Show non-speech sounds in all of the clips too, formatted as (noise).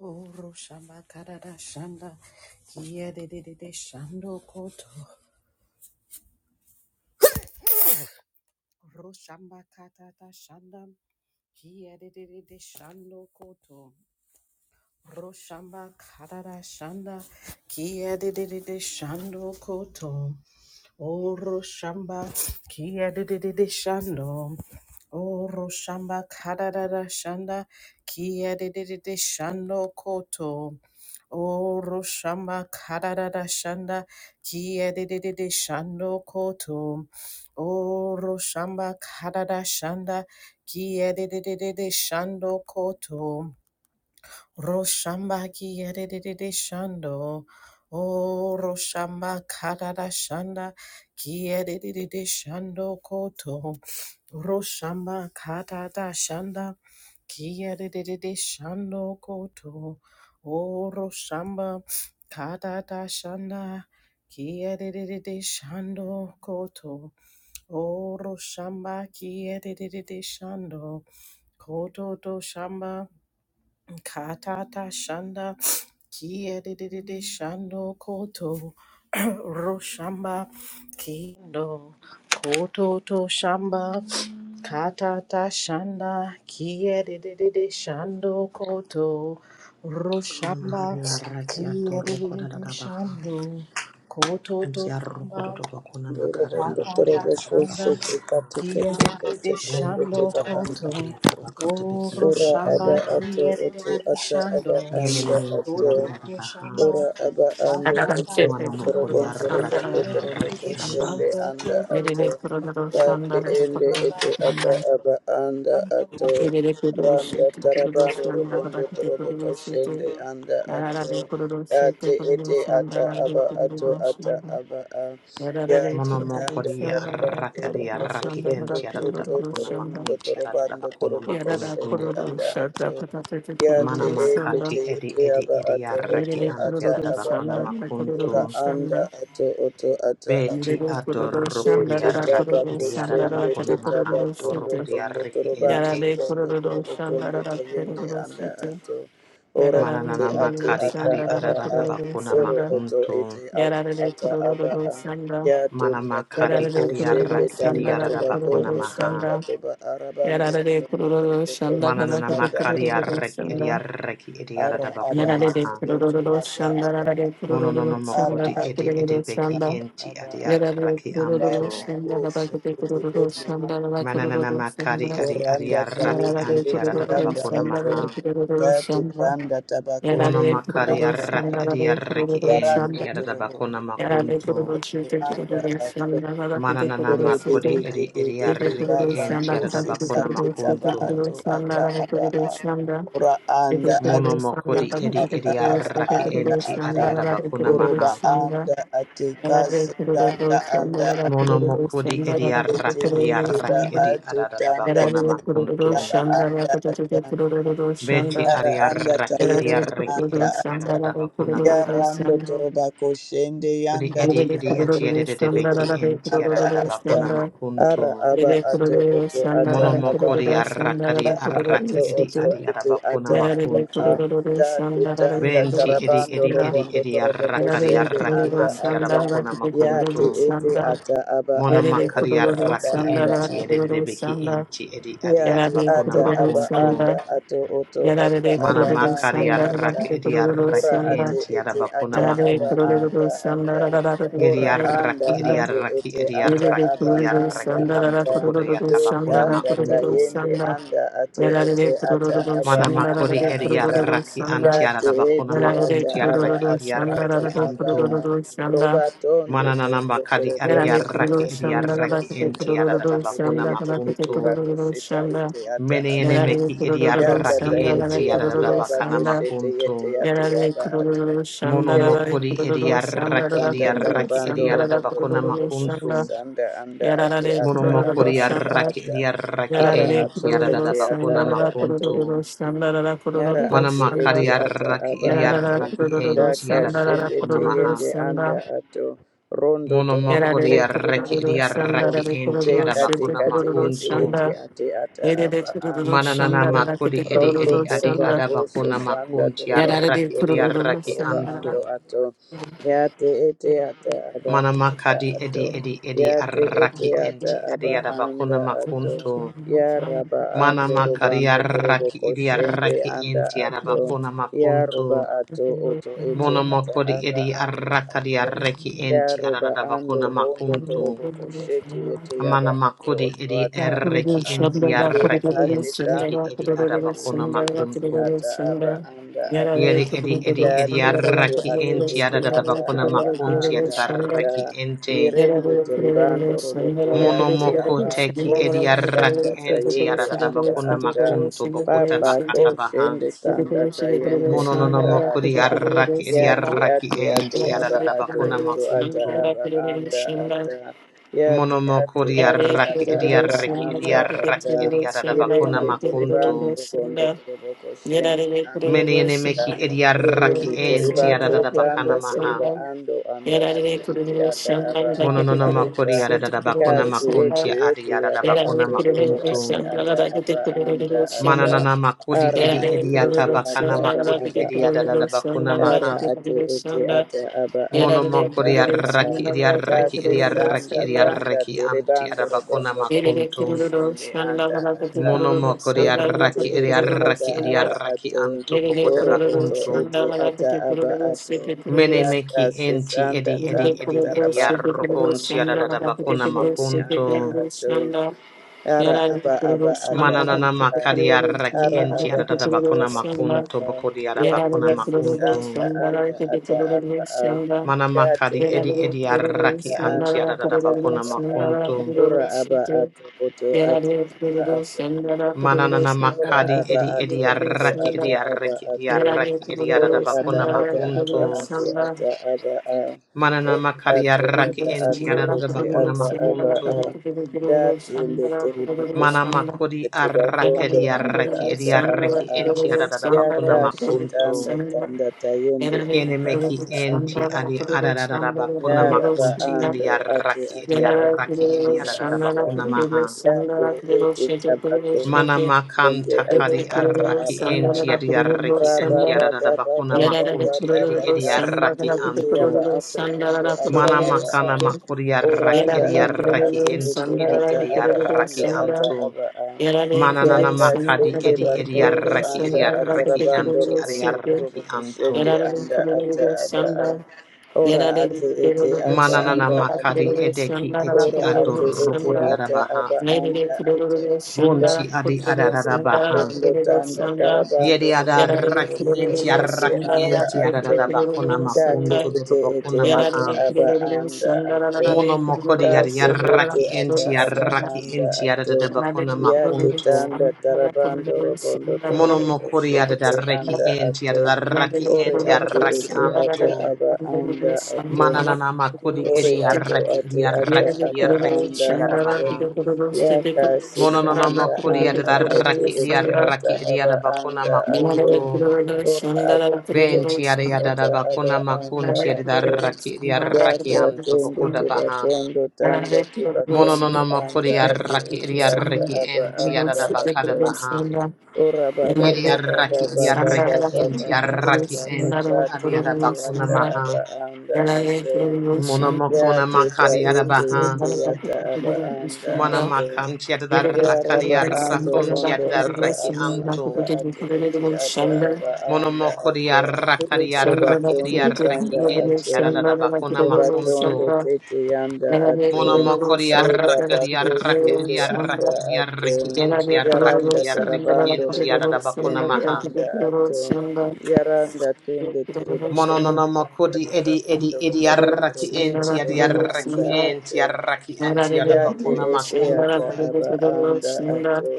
Oro shamba Karada shanda kiye de de de de shando koto. Oro shamba katata shanda kiye de de de de shando koto. Oro shamba karara shanda kiye de de de de shando koto. Oro shamba kia de de de de shando. Oro shamba kada da da shanda kia de de de de shando koto. Oro shamba kada da da shanda kia de de de de shando koto. Oro shamba kada da shanda kia de de de de de shando koto. Roshamba ki yedede shando. O Roshamba karada shanda ki yedede shando koto. Roshamba karada shanda ki yedede shando koto. O Roshamba karada shanda ki yedede shando koto. O Roshamba ki yedede shando koto to shamba katata shanda. Kia de de de de shando koto (clears throat) roshamba kendo koto to shamba kata ta shanda kia de de de de shando koto Kono roshamba mahari araki kia de atoro de de koda da de da baha. shando koto to Nti arro shamba kodo do bakona makara da Ndorobondo bakori ya da da toroboko bakona shete Shanda, maha. kate kete kete Kiyedede Nene tende ki te Shando atoro baranda. kori Koto, ya da bakato o, biki ato Ora bakona aba Shamba maha. ato oto Kiyedede ata Shando, aba Nene anda nene ni ki ato. ya da Koto da da baha. Ora Shamba, aba ando Adadan Atata oto Mono çevre Shanda, mokori otorobon dorobo araki kuruluşlarında ri dorobo araki Kiyedede kuruluşlarında koshende anso. Shando anda ato Koto, yerine o, kati kuruluşlarında ende ete ata kuruluşlarında aba anda Shamba, ato yerine randa kuruluşlarında taraba dorobo kuruluşlarında kadar bir dorobo kuruluşlarında koshende anda ato Yararlı kuruluş, kati sevde ete kuruluş, ata yandararlı aba ato kuruluş, ata yandararlı aba a ya yararlı Mono tanda kuruluş, mokori taraba yandararlı araki ri dorobo kuruluş, araki toto yandararlı enti ya da toto da toto bakona kuruluş, yandararlı makunti ya da da dorobo bakona dorobo yararlı koshende makuntu. anda kuruluş, yandararlı kuruluş, ato yandararlı Ya te Mana e te te makati edi te edi aba edi ato oto araki yararlı anti ya ata da da kuruluş, aba bakona a yandararlı ora makuntu. anda kuruluş, ato oto ata aba Yere Beti kururu te adoroko te şandara da taba diaraki kururu idiarada şandara da koshende te bakuna kare taba kururu mahanto kondo roko şete. tondo diaraki torobando ente. Yara de tondo kururu torobo kondo şandara da toyende kururu anda şete. ato ora Yara da de ete Mananana ate kururu makadi ata adi şandara aba da adada a kururu bakuna oro şanda. oto makunto. ete ate Yara de ata aba kururu a şanda. ya Mana tunda taba Yara makadi de adi koshende kururu araki tanda şandara da idiarada toba bakuna kondo kururu maha. tanda şanda. toba arabando Yara de tondo kururu torobo şanda da Mananana kare koshende anda makadi anda kururu ato araki şanda. idiaraki Ara idiarada aba bakuna Yara de ato maha. oto kururu ata şandara aba da ato. kururu Mononono Ara şanda makodi da ato edi kururu oto edebeki şanda. ata enti aba adi Yaralı ato. araki Raba anto. ako sekete yende. Mananana makadi adi adi Oranda araki tayete anti yete adada yanda bakuna ato. maha. Gati tanda tabako Mona makari anda arraki ato. edi arraki Yarando enti arada torobondo bakona makunto. torobondo. Anda ato. Mananana Ore de makodi de de edi de edi de de arraki baba enti arada kose bakona sate taba makunto. ato ata aba a. Ora anda ate Mono mokodi ete edi ata edi aba arraki ata enti adi ata. arada bakona Oroba maha. anda ate Shandara, kase tanda anda Mono mokodi ate edi ete arraki edi ete ba arraki edi ato arada tanda bakona kayete makunto. aba anda ata Beti ara adi anda arraki edi tayende arraki anda enti ata arada bakona maha. yarando torobako shende Kodi yanda edi edi ati edi torobako koyende beki enti anda arada ata bakona ara makunto. aba ato oto ata aba Monomokori a arrakari ara ato arraki edi oto adi ete arabakuna ata aba makuntu. a da tutanda Venti edi tarabando edi edi robondo edi torobako arrakari shende arraki anda anti ata arabakuna makuntu. yate ete ata aba ato Yerere Monomakari oto kururu ata arraki aba sandara a enti edi kururu rebeki sanda. enti edi adi Yata Yerere arabakuna ata kururu aba makuntu. anda sanda. ato oto ata Yerere aba kururu anda Manamakari sanda. ata arraki Yerere edi kururu ora arraki sanda. ate enti ete arabakuna ata Yerere aba makuntu. kururu sanda. Yerere kururu anda sanda. ata Edi ora arraki anda edi ate arraki ete edi ata Yerere arraki aba edi kururu anda arraki sanda. Yerere kururu sanda. antu ata Yerere kodaya kururu do tabakuna tanda makuntu. tayende sanda. anda ate ete Yerere ata kururu aba Mana sanda. anda makori Yerere ata kururu eriaraki sanda. antiara yate da bakona ete Yerere makum ata aba tiaraki kururu ato sanda. ata eriaraki Yerere aba antum. kururu sanda. Roba tondo Mana nana tondo makadi torobondo Yarare eriaraki kururu toroboko şanda eriaraki soso galakete entiara tokate da kururu kete bakona şanda yete galakete kete makunto. bako kururu sheta şanda yete yata Mene aba ene a. yarare meki kururu Yanda ta eriaraki şanda yete galakete entiara yate da kururu yaba ko bakana şanda shete yete makunto. yate yarare yaba ato. kururu Mono şanda Kerendo galakete makori kururu şanda eriaraki tanda galakete kururu eriaraki tarabando şanda eriara da robondo galakete bakona kururu toroboko şanda makunto. sisanda anda ate yarare Mono ata aba kururu makori anda şanda araki ata. eriaraki Ara yarare ato entiara da ete kururu ata şanda bakona aba galakete ato. makunto. kururu şanda galakete Yara kururu Mana ate makari ete şanda ata arraki aba iri yarare ato. arraki kururu Daka enti şanda arada shende galakete te bakuna kururu maha. yende anda şanda ato. Rondo Mono torobo mokori Yararere kondo arraki tanda iri kurururu ato. şanda arraki rara enti kurururu arada Deka te şirde bakuna kate kurururu yete makuntu. ete şanda. ate ata Yerere aba kurururu anda Mana nana şanda ato. rara kete makuri edi Rondo kurururu edi adi toroba şanda. ada koso bakuna sanda makunti toroba Yararere kondo arraki iri tondo kurururu arraki toroba şanda rara antu. ando ato. Yate ete ata aba Mana anda makadi ato. edi kete edi edi Yate ete arraki ata enti adi aba ada anda bakuna ato. makuntu. Ya Raba Mana Ando makari Robando Torobo arraki iri Koshende arraki Anda enti arada Ato bakuna Ya makuntu. Roba Ato Oto Mono Ete Ata moko di edi Aba Anda arraka di Ato arreki Ya enti Roba arada Ando bakuna kurururu Rondo makuntu. Torobo Koshete şanda. Ete Amana Yaba makodi Ato Oto edi Ata arreki Rakuru Aba A şabda enti rakuru Deka arreki Ate enti senda edi Tanda edi rakuru senda rakuru Tayende arabakuna senda Ete yara Ete makuntu. rakuru senda Ata Aba rakuru senda rakuru senda Anda yara Ata rakuru Yeri edi edi edi Date senda Ete rakuru senda rakuru arreki Ate enti Ete arada Ata bakuna Aba makunti Anda arada Ata ente. Irende teribando roboto Mono yake moko yaba teki edi koso arreki sanda enti tayende arada anda bakuna ata. makuntu bokuta Papa bakata baha. koshende tanda tayende Mono nono anda moko di ata. arraki edi Yate arreki ate ate enti yaba arada ato bakuna oto ata senda makuntu. aba rakuru anda senda ata. Yate Monomoko ate ete Yarare Yarare diaraki ata aba ediaraki anda ediaraki ata. ediaradabakuna Irende teribando makuntu. robondo toroboko shende anda ata. Menienemeki ediaraki Yerende teriba enti totanda adadabakana maha. teriba ando anda ato ite ata aba anda Mononomoko ata diaradabakuna kasi makunti ete ete aba adiaradabakuna ato oto makuntu. ate ata aba anda ata Mananana makodi ara edi ate ediata ete ata bakana aba makudi aba ato ediadadabakuna ara maha. ate ete ata aba ato Monomoko ata aba a diaraki ediaraki kasi ediaraki sanda tanda ediaraki anti teribando adabakona robondo torobo Nerede makuntu. kurulur kushende şanla anda galakati ata Mono kurulur moko di ore şanla ete arraki galakati edi ete kurulur ata arraki edi aba şanla arraki ato anto boko nerede de Oro kurulur oto bakuntu. şanla ete ata galakati aba kurulur ato şete Mene kurulur daka meki enti sesanda edi edi nerede tanda edi kurulur edi şete tarabando kurulur arrokonti robondo şanla adadada torobo galakati bakuna kurulur koshende şete makunto. anda kurulur ato şanla ara yerel aba aba kurulur ata şanla Mananana aba galakati a makadi kurulur arraki ara şanla enti aba galakati adadada ata kurulur bakuna aba aba şanla makunto a boko di adabakuna yaka yerel kurulur makunto. sesanda şanla anda galakati ata aba kurulur a şanla Mana date makadi edi ende edi Sandra, arraki tetanda anti anda adadada ata bakuna aba a makunto. ora aba ato oto ata aba ato Mananana Ora makadi aba edi edi ato oto arraki ata edi aba arraki edi ato. arraki edi Ore adadada ata bakuna ata aba makunto. ato ata aba a. Manana Ore makari ato ata arraki enti ato arada ete bakuna ata aba makuntu. a. Da tende tere Mana bakondo tende makuri tere arraki bakondo di anda arraki edi ata aba arraki a. enti arada bakuna Yaka shetanda makuntu. tanda tayende Kiene anda meki ata aba enti a. adi arada bakuna Yaraba makunti adi ando ate arraki edi ata Yarare ata arraki edi kurulu anda arada sandara ata. da bakuna maha. kurulu Yate sandara ete tabakondo Mana yende makanta ate takari ata arraki aba a. enti adi arraki Raba enti ba arada ba ba bakuna ba ba ba makunti ba edi ba edi kasete arraki ete antu. aba ato ondo da ata Mana aba a. makana makuria raki Oranda edi anda raki ate enti ete edi ata edi aba ando raki ata antu. aba a Mana nana makadi yakashende edi edi bakondo raki anda edi raki atarabando anti kurulu edi robondo şekil. torobo raki koshende antu. Yararlı anda ata kurulur aba a sandal. ora Yararlı ate ete kurulur ata Mana nana aba sandal. ato makadi Kurulur edeki sandal. eti Ora ate Kurulur ete adoroko di sandal. ata arabaha. aba Ayrıca anda ato. kurulur sandal. Gonti Danda adi Kurulur shende sandal. adarabaha. bakondo Kurulur tanda sandal. tarabando Yedi rogondo Yararlı adaraki toroboko enti kurulur shende araki sandal. anda Kurulur enti ato. adarabakona kurulur sandal. Yararlı kurulur sandal. Yararlı kurulur sandal. Kurulur Kate makuntu sandal. ete ete dodobakona ata maha. Yararlı aba kurulur anda ato. Mono mokodi Kate ete adaraki ata enti aba araki anda enti ato. adarabakona Yate makuntu. tanda sandal. tarabando Kurulur rogondo sandal. toroboko Monomokori kurulur shende adaraki sandal, anda enti ato. adaraki Sandra, Ore enti ate araki ete ata antu. aba anda ato. Mananana makodi Ore edi ato araki ate edi ata araki edi aba araki anda edi ato adabaha. yaka sis Mononana anda makodi anda ate adaraki edi ete ata araki edi aba adabakuna anda ato makuntu. ora aba ato Benti adi ata aba adabakuna anda makunti ato adaraki edi araki yaka antu tende bokuda teba baha. kondo tanda teba kondo Mononana anda makodi ate araki ete edi ata araki aba enti anda ato adabakada baha. ora baba Yeri baba baba arraki edi baba arreki enti baba baba arraki baba enti kate ariara ete bakuna ata maha. aba Yalabı anda ato Mona makona Yate ta makari yete arabaha. yete yata aba anda Mona ato. makanti Ya adarrakari raba ando arrakonti ondo ata adarraki aba anto. anda ate ete ata aba Mona anda mokori ato. arrakari Roba arraki edi tondo arreki tanda enti ato. arara bakuna Roba makunto. tondo tete yanda ato. Mona mokori Reba arrakari bako arraki edi sende anda arraki edi ato. arreki enti arraki Yaranda edi arreki tarabando enti roboko arara bakuna sende maha. anda ato. Yaranda tende tiriba kondo Mononona tanda makodi edi edi tarabando edi robondo arraki roboko enti adi sende arraki anda enti ato. arraki Yaralı enti Yate adabakuna ete makuntu. ata aba anda ato.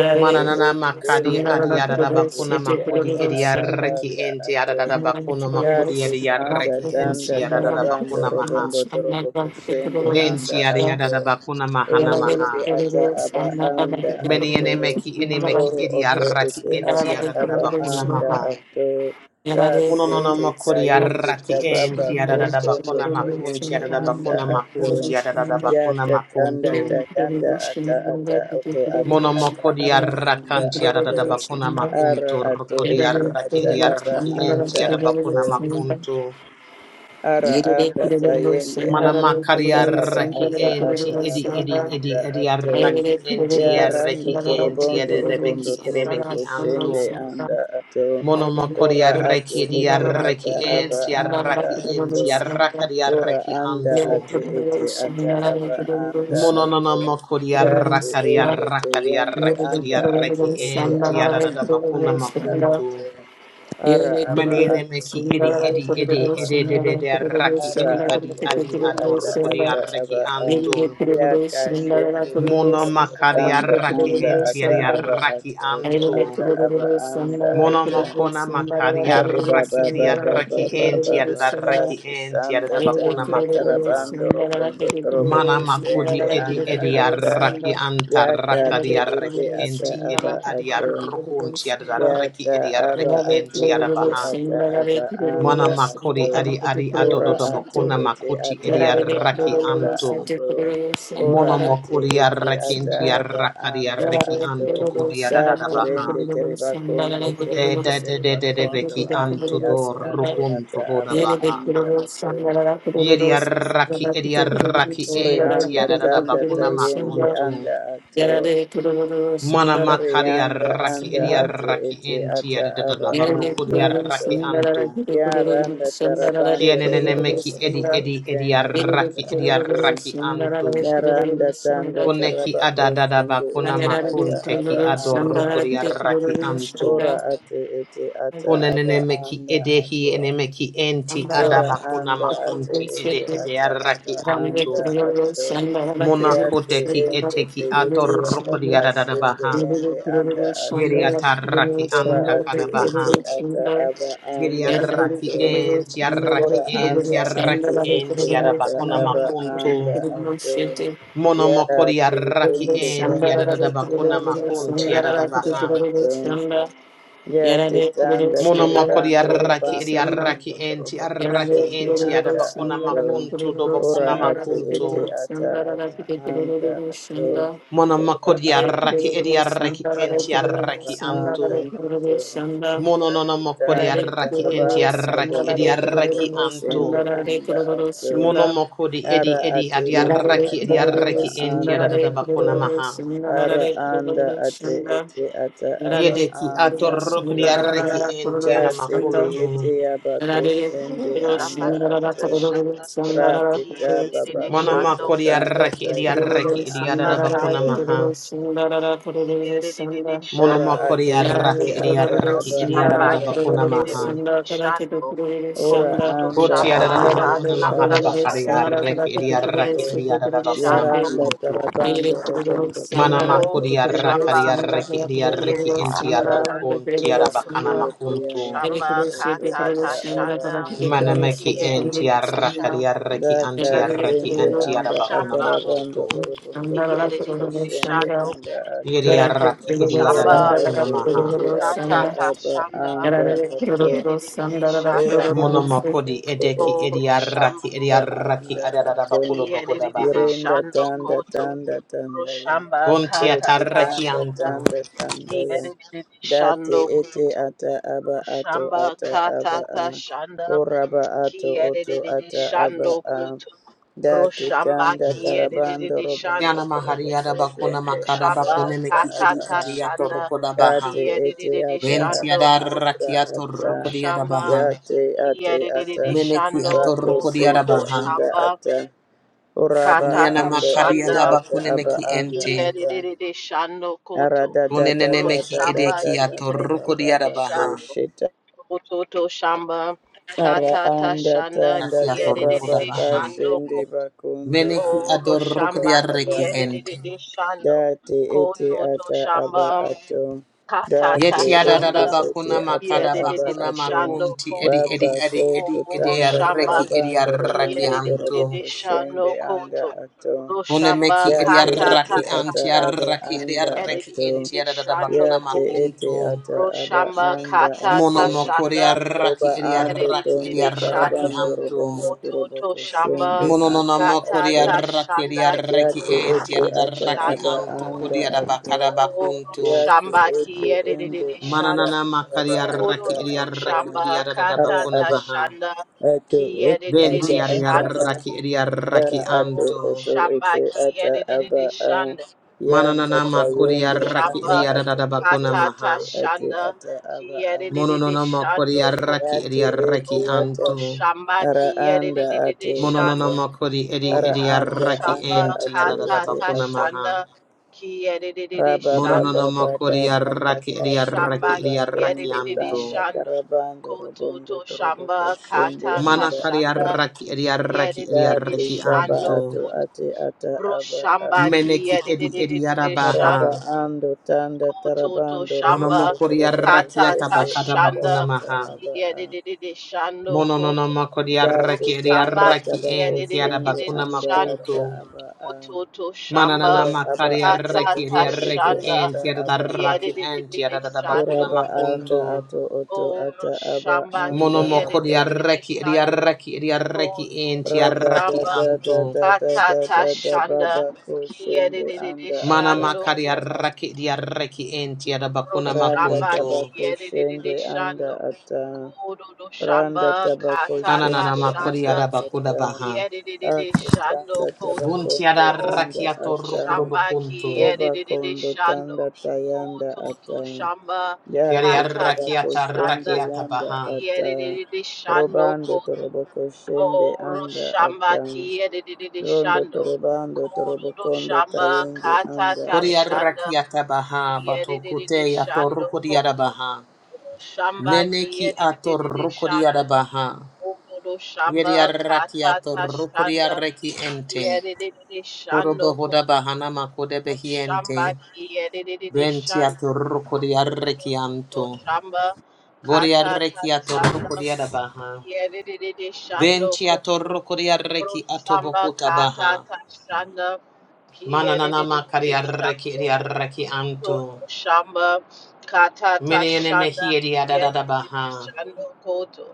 Yate Mananana ete makadi ende adi anda ate adabakuna ete ata makodi edi aba arraki anda enti ato. adabakuna makodi Kasi edi sanda arraki enti tanda tarabando adabakuna maha. robondo torobo kushende anda Benti adi ato. adabakuna mahana Ore maha. ete ata aba anda Meni ato. ene meki enemeki meki Oro edi oto arraki ete enti ata aba adabakuna anda maha. ato. Kasi Mononona ete makori tayete arraki tababa enti adadada kosondo bakona makunti toyende adada anda bakona makunti ato. adadada Ya bakona ta tanda makuntu. Sundara, ta yanda ata ata auto ate Mono ata makori aba anda arrakanti ato adadada bakona ara makuntu ato rukori ete arraki ata iri aba arraki enti anda adada bakona ato makuntu. Ara anda tayende Mana anda makari ata aba arraki ata enti ata edi aba edi edi anda edi ato. arraki enti arraki Yarando enti torobondo adada beki robondo torobo enemeki antu. koshende anda ato. Mono makori Ora ate arraki edi ete arraki ata aba enti anda arraki ato. enti arraka di Ora arraki anda antu. ate ete ata aba anda Mononana ato. makoria Date rakaria ende te rakaria yende Sundara raki edia anda ate reki ete enti ata adadada aba bakuna anda makuntu. ato. Ara aba Maniene ate meki edi edi ete edi ata edi edi aba edi edi raki ara edi adi ato adi ete ata adorukodia ata reki aba a anto. ya kashende Mono bakondo makaria tanda raki anda enti ata edia aba raki ato oto anto. ata aba anda Mono ata makona makaria hari raki baba edia baba raki baba enti baba adada reki kasi enti sanda adada bakuna tanda makuntu. tarabando robondo torobo Mana makodi kusende edi anda edi ata arraki ya anta Yere rakadi yakati ete arreki ata enti aba edi adi ato arrukunti adarreki Yata edi aba arreki ate enti ete arabaha. ata aba Mana anda makodi ato. adi adi Ora adododo ate bokuna ete makuti ata edi aba arraki anda anto. ato. Ora Mono ate makodi ete arraki ata enti aba arrakadi anda arreki ato. anto kodi Da adadabaha. terende teribakondo Yude terende de de de de de teribakondo beki ande anto ate do ate ata rukunto aba hodabaha. anda ato. Yedi arraki edi arraki Ori enti anda tanda adadabakuna tayende makuntu. anda ato. Yarare kururu Mana sundara Ori makari anda kururu arraki anda edi sundara. ate arraki ete enti ata adi da da aba da Yarare baruku di anda kururu arraki ato. sundara antu. kururu kururu Yaranda sundara rare tarabando Kienenene robondo kururu meki edi toroboko sundara. edi edi shende Yarare anda arraki edi atom. kururu arraki sundara antu. rare Yaranda kururu tanda sundara. Kuneki tarabako adadada shende bakuna ete Yarare ata makun teki aba kururu anda sundara adoruku rare di atom. arraki kururu antu. Ora sundara. ate ete ata aba Kunenene meki anda edehi ene atom. meki enti Sundara rare Ora adabakuna anda ate makunti kururu ete ede sundara. ede ata arraki aba Yarare anda antu. kururu atom. sundara Monako Yate deki ende te eteki rare yete kururu adoruku di yabaka sundara. adadada shende baha. ende Shandara anda Yeri atom. atarraki Ora anta ate kadabaha. ete ata aba anda Yediaraki atom. en, tiaraki Ora en, anda ate tiaraki en, ete ata tiarabakuna aba makuntu. anda ato ya Monomokori te araki ende en, ende ete tiaradabakuna ata makun, aba anda tiaradabaha. ato ya te tanda Monomokori teribando araki rabando ediaraki robondo en, torobo tiaraki koshende en, anda tiarabakuna ato makuntu, ora dobakuna ate makuntu. ete ata aba anda ato Monomokori Yarare ora araki Kururu ediaraki Sundara, en, yata kururu aba tiaraki antu. anda ato Mononomokori yakitanda araki en, tarabando tiaraki robondo torobo ediaraki antu. koshende anda ato Monomoko di edi ara edi ate ete adiaraki ata aba adiaraki enti anda adadada ato bakuna maha. ara anda ate ete ata aba Yedeki anda atorok ato di araki enti da tete anamakuntu. yete aba koshende anda Shamba ato kana shanda sundara kiye Pratita de de de de babakoto shando Monomoko di tanda araki kuro tayende adiaraki anda samba adiadada ka bakuna ato maha. kiye kururu de de de de sundara Ora shando Monomoko ate di Sanda, ete araki ata adiaraki aba Shamba adiadada anda bakuna ato. maha. kidididi shando Ora kototo anda Boti shamba adadada ate ete bakuna maha kakata da ata bakari aba shanda araki anda ato. adiaraki kiyedidi adiadada bakuna shando Yaranda koto makuntu. tarabando robondo torobo Manamako di araki kostende shamba anda diaraki ato. adiaraki kiyedidi enti Yaranda shando arrokunti ete koto adabakana ete bro aba makuntu. shamba ato ato katata ata aba shanda anda Manameki ato. enti kiyedidi shando arrakari arraki anti Daka arraki sende anti anda arabakuna shamba atarabando makuntu. orobondo torobo kiyedidi kostende shando anda koto Yeri ato. arraki iri shamba Ora arabakuna ate maha. ete ata katata aba shanda Good anda ato. kiyedidi shando Ora ate Monomokodi edeki ete koto iri ata arraki iri aba arraki anda ato. arabakuro bokoda Kiyerere baha. Yerenda shando tanda koto tanda tanda ya. roshamba Bunti kata Doti atarraki tanda tashamba antu. tanda tanda ya. kiyerere Dati shando ete koto ata aba ato roshamba ata kata aba a. tashanda Ora ba ato oto kiyerere ata aba shando a. koto Dati roshamba tanda tarabando kiyerere robondo shando Yana robo mahari koto arabakuna koshende makara anda toshamba bakune ata meki kata aba iri a. iri tashanda atorokoda Yate baha. ete kiyerere ata Benti shando aba koto ata arraki ata. atorokodi roshamba arabaha. Yate ate ata. kiyerere Meneki shando Bako atorokodi koto sende arabaha. anda toshamba ata. kata Uraba Kuniana ando makaria ate tashanda daba ata aba kunemeki anda ente. ata. Kiyerere shando koto Arada da da da Kunenemeki da da roshamba da edeki da da da ba atoruko ba kiyerere ba ko diarabaha. shando shita. kototo shamba Ara katata anda shanda tanda Nasi atoruko kiyerere tababa dabaha. shando kashende bakundo Meneki koto anda adoruko ata roshamba aba diareki a. ente. kiyerere shando Dati ete kototo ata shamba aba ato. katata Dati Yeti shanda ende adadada ete bakuna ata makada aba kiyerere bakuna ato. shando makunti edi koto Baba edi edi koto edi momoro edi tanda shamba arreki edi karabando arraki robondo torobo kiyerere anto. shando koshende anda koto ato. roshamba Kunemeki edi Yate ete katata arraki ata anti shanda aba arraki edi anda arreki ato. enti Yedidididi adadada Shando bakuna Yate Kot ete makuntu. ata aba Roshamba anda Kata ato. Mono mokori Tashanda Roba arraki edi ando arraki edi tondo Yedidididi Shando arraki tarabando anto. robondo Koto torobo To koshende Shamba anda Mononama Kata kodia ato. raki dia Tashanda Ya reki tu enti ete Yedidididi ada ata raki aba Shando anto anda kodia da ato. bakada Koto Ya bakunto. tu Shamba ete ende Shando anda Mananana aba makaria anda raki dia Koto ato. reki dia Shamba da da Ara Kata bakuna aba maha. Tashanda ato Ki oto ata yedidididi Venti ada aba Shando a. raki dia Ara raki ato Koto anto. oto Shamba ete ata aba a. Shando Ya Mananana ndata Koto makodia yende raki anda Shamba dia da ato da oto bakuna Katata ete maha. ate shanda ata aba a. kiyedididi Mononama shando kodia Ya raki te dia ete reki ata kotoro anto. shamba ara anda kiyedididi ate ata. shando Mononama kodi edi Ara edia kototo anda raki anda shamba enti ate ada da ete katata bakuna ata. shanda maha. kiyedididi shando Monononomokori arraki eri Rabababababababakashende shamba arraki eri arraki bakondo kiyedididi tanda anto. shando karabando rogondo kototo toroboko shamba shende katata anda Manakari ata shanda arraki eri arraki eri kiyedididi tati arraki kaba shando anto. ato ate ata kotoro aba a shamba Meneki eri eri kiyedididi arabaha. maraba shando ando tanda Kototo tarabando rogondo Shamba Monomokori toroboko arraki Katata shende atabakada anda bakuna Shanda ata maha. aba a Yedididi Shando Koto Monononomokori dati arraki eri tanda Rosamba arraki tabako enti shende Yedididi arabakuna anda Shando ata makunto. aba a Kototo Mananana ora Shamba aba makari ato arraki eri Katata oto ete arraki Shanda ata enti aba a aradarraki enti Yedididi aradabakuna Shando Uraba Koto anda makunto. ato oto ata aba Roshamba anda Monomoko ata. Yedididi diarreki Shando diarreki diarreki enti Kototo Rada da arraki Shamba da da anto. da da da Katata da da Shanda baba koshende Yedididi anda ata Shando Manamaka aba Koto anda. diarreki diarreki enti adabakuna Randa Roshamba makunto. tabako Yedididi shende anda Shando ata. Kororo Randa shamba tabako katata Kananana shende makori shana anda adabakuda ata. baha. kiyedididi Ata shando tanda koto. Bunti tabakondo Oh anda adarraki atorukudo ata. shamba bakunto. Oba kiyedididi kondo shando tanda tayanda koto to ata. shamba Yari Yate arraki katata kabako shana atarraki shende yanda atabaha. ata kiyedididi shando robando koto. toroboko shende Oh ro anda shamba ata kiyedididi rondo shando torobando kororo torobokondo shamba tayende anda katata kori ata. shana arraki atabaha kiyedididi batukute shando atorukudi koto. adabaha. Oh, Shamba Neneki kiyedididi atorukudi shando. adabaha. Ogoro Yari shamba arraki katata atorukudi shanda arreki ente. kiyerere shando Korobo hoda koto bahana makode shamba behiente. kiyerere Benti shando atorro kodi arrekianto. shamba Bori katata arreki atorro shanda kodi adabaha. kiyerere shando Benti koto atorro kodi ro arreki shamba atobokota baha. katata shanda Mananana kiyerere makari arreki shando ri arreki anto. koto shamba katata Menene shanda mehieri adadada kiyerere baha. shando koto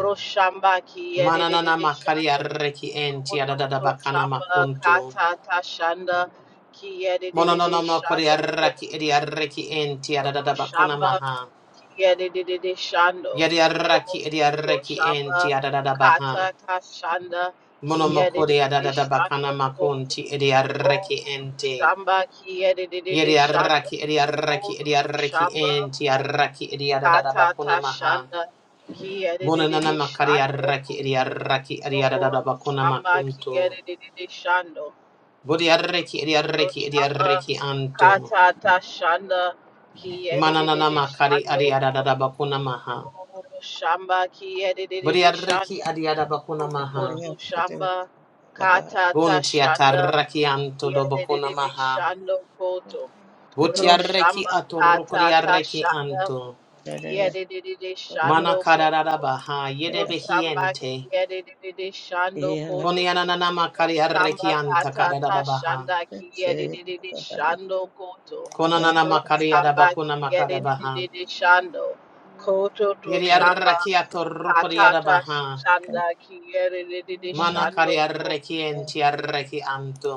ro shamba Mananana kiyerere makari shando arreki enti adadada Kototo bakana Samba makunto. Kata Tashanda Kiedididi Mononona makori Shando Koto arreki ri arreki enti adadada bakona Shamba maha. Kiedididi Shando Yadiaraki Koto Ediareki Shamba enti adadada baha. Kata Tashanda Monomokuri Kiedididi adadada bakana Shando Koto makunti Ediareki ente. Shamba Kiedididi Shando Yadiaraki Ediareki Koto Ediareki Shamba enti araki Ediadada Kata bakuna maha. Tashanda Monanana Kiedididi makari Shando araki Ediareki Ediadada Koto bakuna Shamba makunto. Kiedididi Shando Budiareki Ediareki Shama Ediareki anto. Katata Shanda Ki Mananana edited makari Shando Adiadada bakuna maha. Koto Shamba Ki edited Budiareki Shando Adiada bakuna Koto maha. to Shamba Katata Bunti Shanda ataraki anto Ki do bakuna edited maha. Shando Koto Butiareki Roshamba Katata atorukuriareki Shanda anto. Ki edited Mana Shando kararara Koto baha Roshamba Ki yedebehiente. edited Shando Koto Kunianana makariareki Shamba anta kata ta kararara baha. shanda kiyedididi shando koto. Konanana makariara Rosamba bakuna makara baha. kiyedididi shando. Koto to shamba Yediareki kata atorukuriara ta baha. shanda kiyedididi Mana shando koto. kariareki entiareki anto.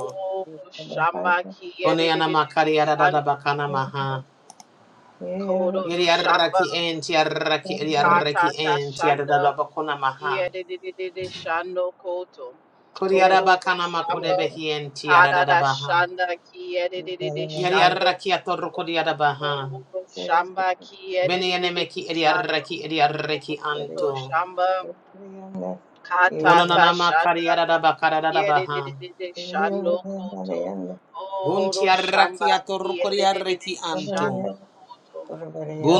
Shamba Kuniana kiyedididi makariara shando. bakana maha. Koto to Yediareki shamba entiareki kata ediareki ta entiara shanda bakuna maha. kiyedididi shando koto. Kuriara Oh, bakana shamba makudebehiente kata yarada ta baha. shanda kiyedididi shando Yariaraki atorokodiada baha. Omoto shamba kiyedidididi Menienemeki shando. ediaraki ediaraki Omoto anto. shamba katata Mononanama shanda kariaraba kariada bakarada baha. kiyedidididi shando koto. Oro shamba Buntiaraki kiyedidididi atorokodiaraki anto. shando koto.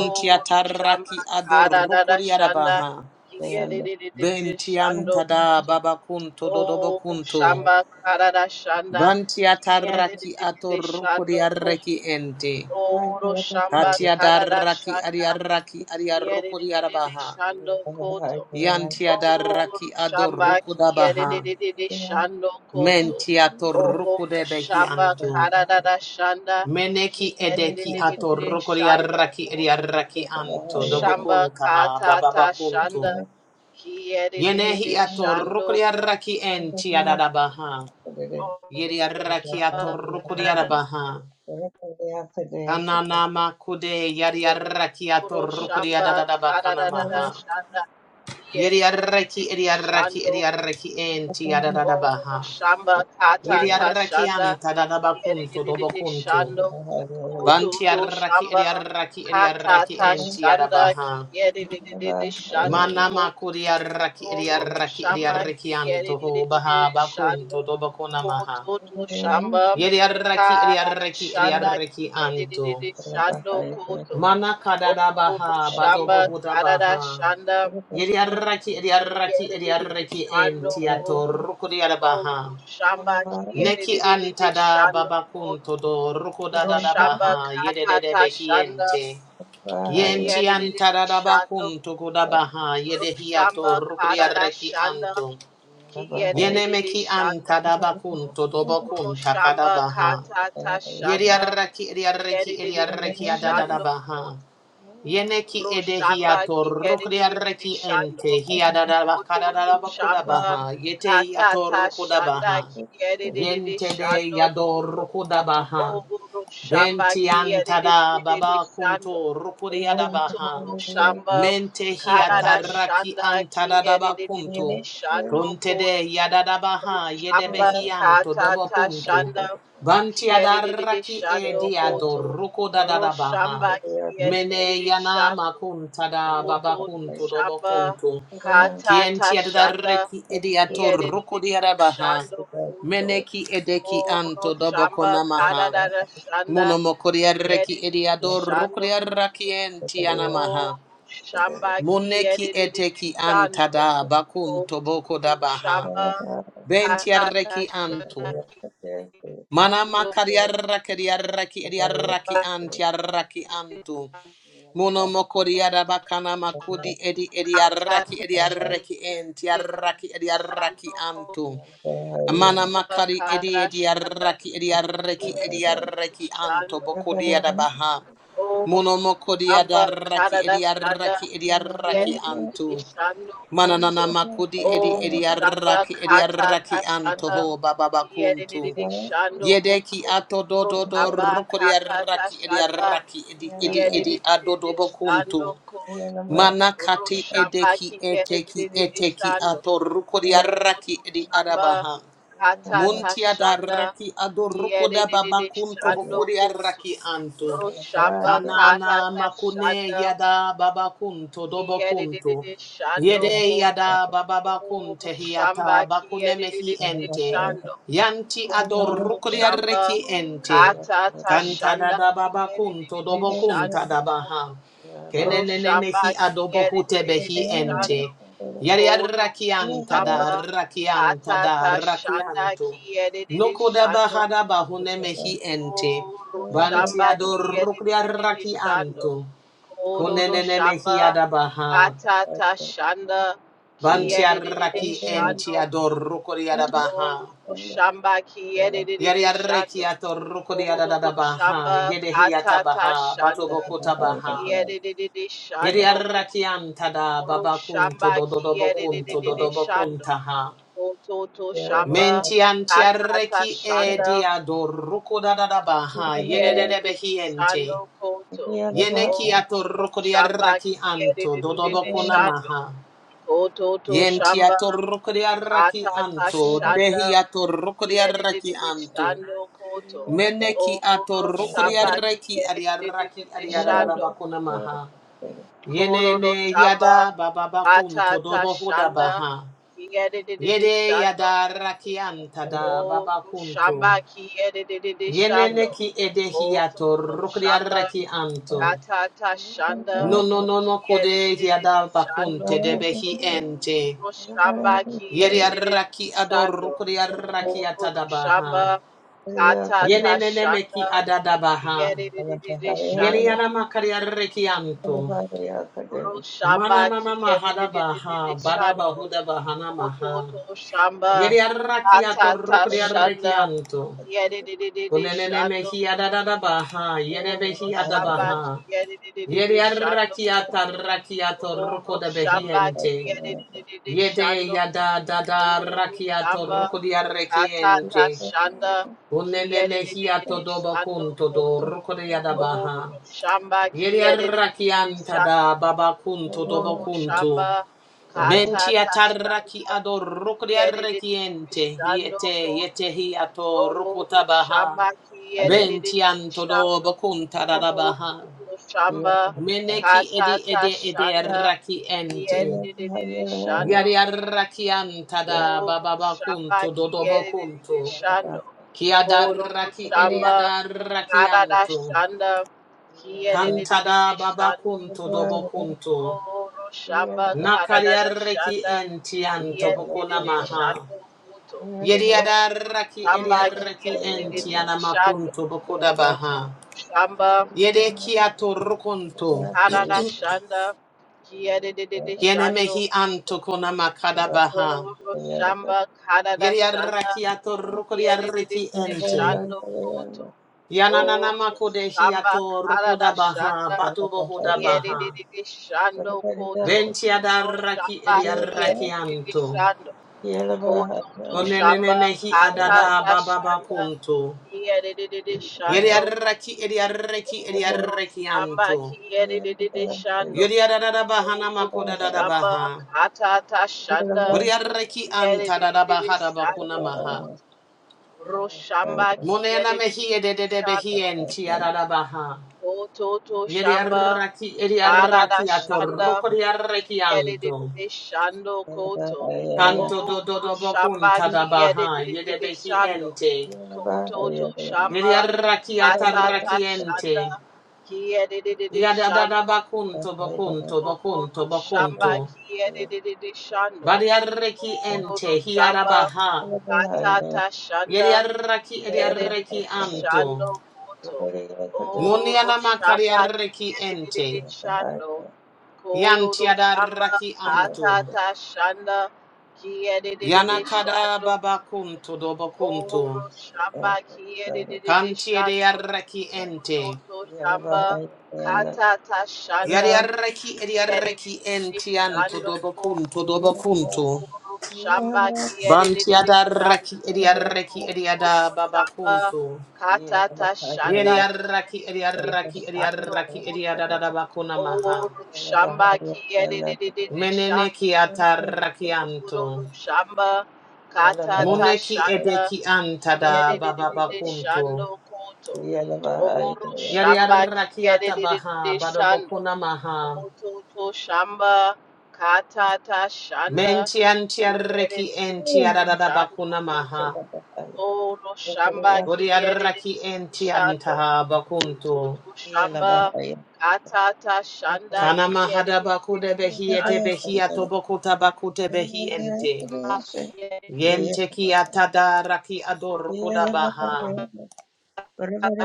Oro shamba kadadada adorokodiada shanda baha. kiyedidididi shando Bentiantada koto. babakunto Oro dodobokunto. shamba kadada shanda Bantiataraki kiyedidididi shando koto. atorokodiaraki ente. Oro shamba kadada Katiadaraki shanda adiaraki adiarokodiada Yedidididi baha. Shando Koto. Yantiada Oh, raki Shamba adorukudabaha. Yedidididi Shando Koto. Oh, Mentiatorukudebehi Shamba antu. Kadada Shanda Meneki Ki edeki Yedidididi Shando atorukuriaraki Koto. ediaraki antu. Shamba Dobokuntaha Katata bababakuntu. Shanda Ki Yenehi Yedidididi Shando Koto. atorukuriaraki entiadadabaha. Yediaraki Shamba Kadada atorukuriadabaha. Kananama kude yadiaraki Oro Shamba atorukuriadadadaba Kadada kanamaha. Shanda Ki Yediaraki Yedidididi ediaraki Shando ediaraki Oh, entiadadabaha. Shamba Kata Yeri Ta arraki Shanda. anta da da bakunto do Yedidididi bakunto. Shando. Banti Kututu arraki eri Shamba arraki eri Kata arraki Ta enti Shanda. adabaha. Kiyedidididi Shando. Mana Kututu makuri arraki eri arraki eri Shamba arraki anto ho Kiyedidididi baha bakunto Shando. do bakuna maha. Kututu Shamba Yeri arraki eri Kata Ta arraki eri Shanda. arraki anto. Kiyedidididi Shando. Kutu. Mana kadada Oh, baha badobo Shamba huda Kata Ta baha. Shanda. Yeri arraki eri arraki eri Yedidididi arraki enti Shando. atorukuri Oh, adabaha. Roshamba Neki Kiyedidididi antada Shando Koto. babakun todo ruko da da da Roshamba baha yede de de Katata Shanda behiente. Yenti Kiyedidididi antada da Shando bakun toko da Koto. baha yede hiato Roshamba ruko de Katata arreki Shanda anto. Yene Kiyedidididi meki Shando antada Koto. bakun todo bakun takada Roshamba baha. Katata Yedi Shanda arreki edi arreki edi Kiyedidididi arreki adada da Shando baha. Koto. Yeneki Roshamba edehiato Kiyedidididi rukriareki Shando ente hiadadaba Kototo kadadaba Shamba kudabaha yete yato Katata Shanda rukudabaha Kiyadidididi yente de Shando yado Koto rukudabaha Oguro Shamba bentiantada Kiyadidididi baba Shando kunto rukuriadabaha Kototo Shamba Mente Karada hiataraki Shanda Kiyadidididi antadadabakuntu. Shando Kuntede Koto yadadabaha Shamba yedebehianto dobo Katata kuntu Shanda Banti Kiyadidididi adaraki Shando ediado Koto ruko dadadabaha. Roshamba Mene Kiyadidididi Shando yanama kuntada babakuntu Woto kuntu dobo Shamba kuntu. Kata Kienti Tashanda adaraki ediato ruko Yedidididi diadabaha. Shando Woto Meneki edeki moro anto Shamba Kata dobokonamaha. Dada Shanda Munomokoriareki Yedidididi ediado ruko Shando diaraki enti anamaha. Woto Shamba Muneki Kiyedidididi eteki Shando antada bakun toboko Woto dabaha. Shamba Kata Bentiarreki antu. Tashanda Mana Shamba makariarraki diarraki ediarraki antiarraki antu. Muno mokoriada bakana makudi edi Kata ediarraki ediarraki Tashanda entiarraki ediarraki Shando Woto antu. Mana Shamba makari edi Kata Shanda ediarraki ediarraki Yedidididi ediarraki anto Shando bokodiada baha. Oh, Muno mokodiada Amba raki Karada Shada, ediarraki ediarraki Yedidi antu. Shanu Mananana Koto. makudi edi Oh, edi Shamba arraki edi Kata arraki Tashada, antoho bababa kuntu. Yedidi Shanu Yedeki Koto. ato do Oh, do do Shamba rokodi Kata arraki edi Tashada, arraki edi edi edi Yedidi adodobo Shanu kuntu. Koto. Oh, Manakati Shamba edeki eteki Kiyedidi eteki Shanu. ato rokodi O arraki Toto edi Shamba arabaha. Katata Muntia da Shanda raki adoruko da Yedididi babakunto Shando bokuri Koto raki anto. Roshamba Kanana Katata makune Shanda yada babakunto dobokunto. Yedididi Shando Yede Koto yada O bababakunte Shamba hiata bakune mehi Yedididi ente. Shando Yanti Koto to adoruko di Shamba reki ente. Katata Kanta da Shanda da babakunto Yedididi dobokunta Shando da baha. Koto Kenene Roshamba mehi adobohute hute behi Yedididi Shando ente. Yari Kodo arrakianta da Samba rakianta da Katata Shanda rakianto. Ki edited Noko da Shando bahada bahune mehi ente. Kodo Banti Shamba Ki adorukri edited Shando arrakianto. Kodo do Kunenene mehi Shamba adabaha. Katata Shanda Ki Banti edited arraki enti Shando adorukri Kodo adabaha. Shamba Ki edited Yari arreki Shando atorukri Kodo do adadabaha. Shamba Yedehi Katata atabaha. Shanda Batobokota Ki baha. edited Yari Shando Kodo arrakianta da babakunto Shamba Ki dododobokunto edited Shando dodobokuntaha. Ototo Shamba Menti Atata antiarreki e Shanda diadorruku da da da baha yedede Kiyedididi behiente. Shando Koto Yeneki Oto atorruku Shamba diarraki anto Kiyedididi dodoboku Shando namaha. Kototo Yenti Shamba atorruku diarraki Katata anto Shanda dehi atorruku diarraki Kiyedididi anto. Shando Koto Meneki Oro atorruku Shamba diarraki adiarraki Kiyedididi Shando adiadadabaku namaha. Kororo Yenene Shamba yada bababakunto Atata dobohu da Shanda baha. Kiyedididi Yede Shando yada Koto rakianta O da babakunto. Shamba ki edididi Yenene shando. ki O edehiato Toto Shamba rukriareki anto. katata shanda No no no ki no kode edididi hiada shando. bakunte Koto debehi ente. O Shamba ki edididi Yeriaraki ador shando. o rukriareki Koto atadabaha. Shamba katata Yenene shanda meki ki adadabaha. edididi shando. Yeniana makariareki anto. Oro shamba ki Mananana ededededede mahadabaha. shando. Badabahuda bahana maha. Koto to shamba Yeriaraki ato katata shanda rukriareki anto. ki ededededede Unenene shando. mehi Koto. adadabaha. Oro Yenebehi shamba ki adabaha. ededededede Yede shando. arrakiata Koto. rakiato ruko Oro de shamba ki behiente. ededededede Yede shando. yada dada Oro rakiato shamba ruko di katata arrekiente. shanda ki Unene mehiato ededededede dobo shando. kunto do Koto. ruko de yada Oro baha. shamba ki Yede ededededede arrakianta shando. da baba kunto dobo Ororo shamba kunto. Menti katata atarraki shanda ado ruko di kiyerere arrekiente. bishando Yete koto yete hiato ruko ororo tabaha. shamba kiyerere Benti anto bishando dobo kunta da koto baha. ororo shamba Meneki edi katata ede edi shanda raki ente. kiyerere bishando Yari koto raki antada da Oh, baba Shamba bakunto dodo Kiyedi bakunto. Shando. Kia da Koro raki edi Shamba ada raki Karada anto. Shanda kantada Kiyedi baba Shando kunto dobo Kuto. kunto. Oh, Shamba Nakari Karada raki Shanda enti anto bokuna Kiyedi maha. Shando Kuto. Yedi Oh, ada raki edi Shamba raki enti Kiyedi Shando anamakunto bokuda Kuto. baha. Shamba Yede kia torukunto. Karada Shanda Kiyedi Kiene Shando Kuto. mehi anto kona makada baha. Oh, Shamba Karada Shanda Yeriarakiato Yedidididi rukodiariki ente. Shando Koto. Oh, Yananamako de Shamba hiato Karada rukodabaha, Shanda. batobohodabaha. Yedidididi Shando Koto. Oh, Ventiadaraki Shamba Yedidididi ediarakianto. Shando. Koto to Onenene Shamba mehi adada Katata bababa Shanda. kunto. Yedidididi Shando Koto. Yeriaraki ediaraki Oh, Shamba ediarakianto. Yedidididi Shando. Yeriadadabaha Oh, namako Shamba baha. Katata Shanda. Buriaraki anta Yedidididi dadabaha dabakuna Shando maha. koto. Roshamba ki Monena mehi yedidididi ededebehi shando. enti adada baha. Kototo Yeri shamba arraki, eri karada arrakiato, shanda rukori ki arrekianto. yedidididi shando koto. Canto O do do do roshamba bocunta ki da baha, yede yedidididi shando. behiente. Kototo Yeri shamba arrakiata atata arrakiente. shanda ki yedidididi Yada da da shando. bacunto, bocunto, O bocunto, roshamba bocunto. ki yedidididi shando. Vari O arrekiente, hiara roshamba baha. atata Yeri shanda arraki, eri arrekianto. Shano Koto, Oro Muniana makari Shamba Kierere arrekiente. Shano, Yanti Kororo Shamba adarraki anto. Katata Shanda Kierere Yanakada Shano, baba kunto dobo kunto. Oro Shamba Kierere Kantie de Shano, yarraki ente. Koto Shamba Katata Yari Shanda yarraki edi Kierere yarraki enti anto Shano dobo Koto, kunto dobo kunto. Oro Shamba Banti Kierere Shano. adarraki edi yarraki edi ada Okono baba shamba kunto. katata shanda Yeri yarraki edi kiyerere yarraki edi shando yarraki edi koto ada da da bakuna maha. oro shamba kiyerere Menene shando ki atarraki kororo anto. shamba katata Moneki shanda edeki anta da baba kiyerere shando bakunto. koto oro Yari shamba yarraki kiyerere atabaha bado shando bokuna maha. koto to shamba katata shanda Mentiantiarreki kiyerere entiarada shando bakuna maha. Oh, no shamba ki edididi Vodiarraki shando. entiantaha Utu bakunto. tu shamba katata shanda Kana ki mahada bakude edididi behi ete shando. behi atobokuta bakute behi ente. Ma ki Yente ki atada raki ador kuda baha.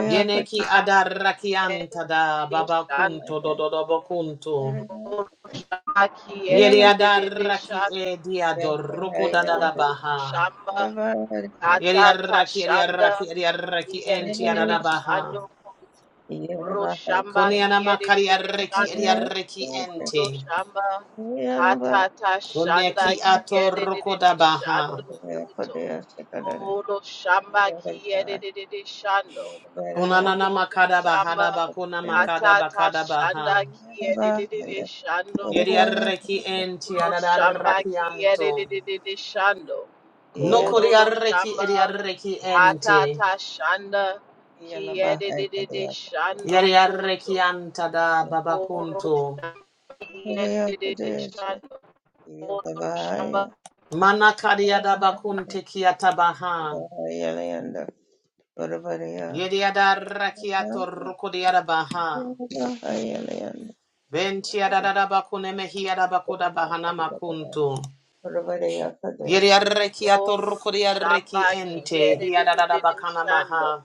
Yene ki adar adarraki antada edididi shando. babakunto dododo bakuntu. Ma ki Yeri edididi adarraki shando. edi ador rukuda da da Utu tu baha. shamba Yeri katata arraki yeri arraki shanda yeri ki arraki edididi entiarada baha. shando. Roshamba Kone ki anamakari arreki eri arreki Kudo ente. Shamba Katata Kone Shanda ki Kigere atoroko da baha. Shando Kuto Kudo Shamba Kigere Shando Kuto Konanana to makada Shamba bahada bakona makada Katata bakada baha. Shanda Kigere Shando Yeri Kuto arreki ente Kudo Shamba adarraki anto. Kigere Shando Nokori Kudo do arreki eri Shamba arreki ente. Katata Shanda Kigere Shando Yeri arreki Koto anta da Kudo babakunto. Shamba Kigere Shando Om Shamba Manakari adabakunte ki atabaha. Yeri adarraki atoroko di arabaha. Benti adadaba kune mehi adabakuda bahana makuntu. Yeri arreki Om atorukuri shamba arreki ente. kigere Hi adadaba kana shando maha.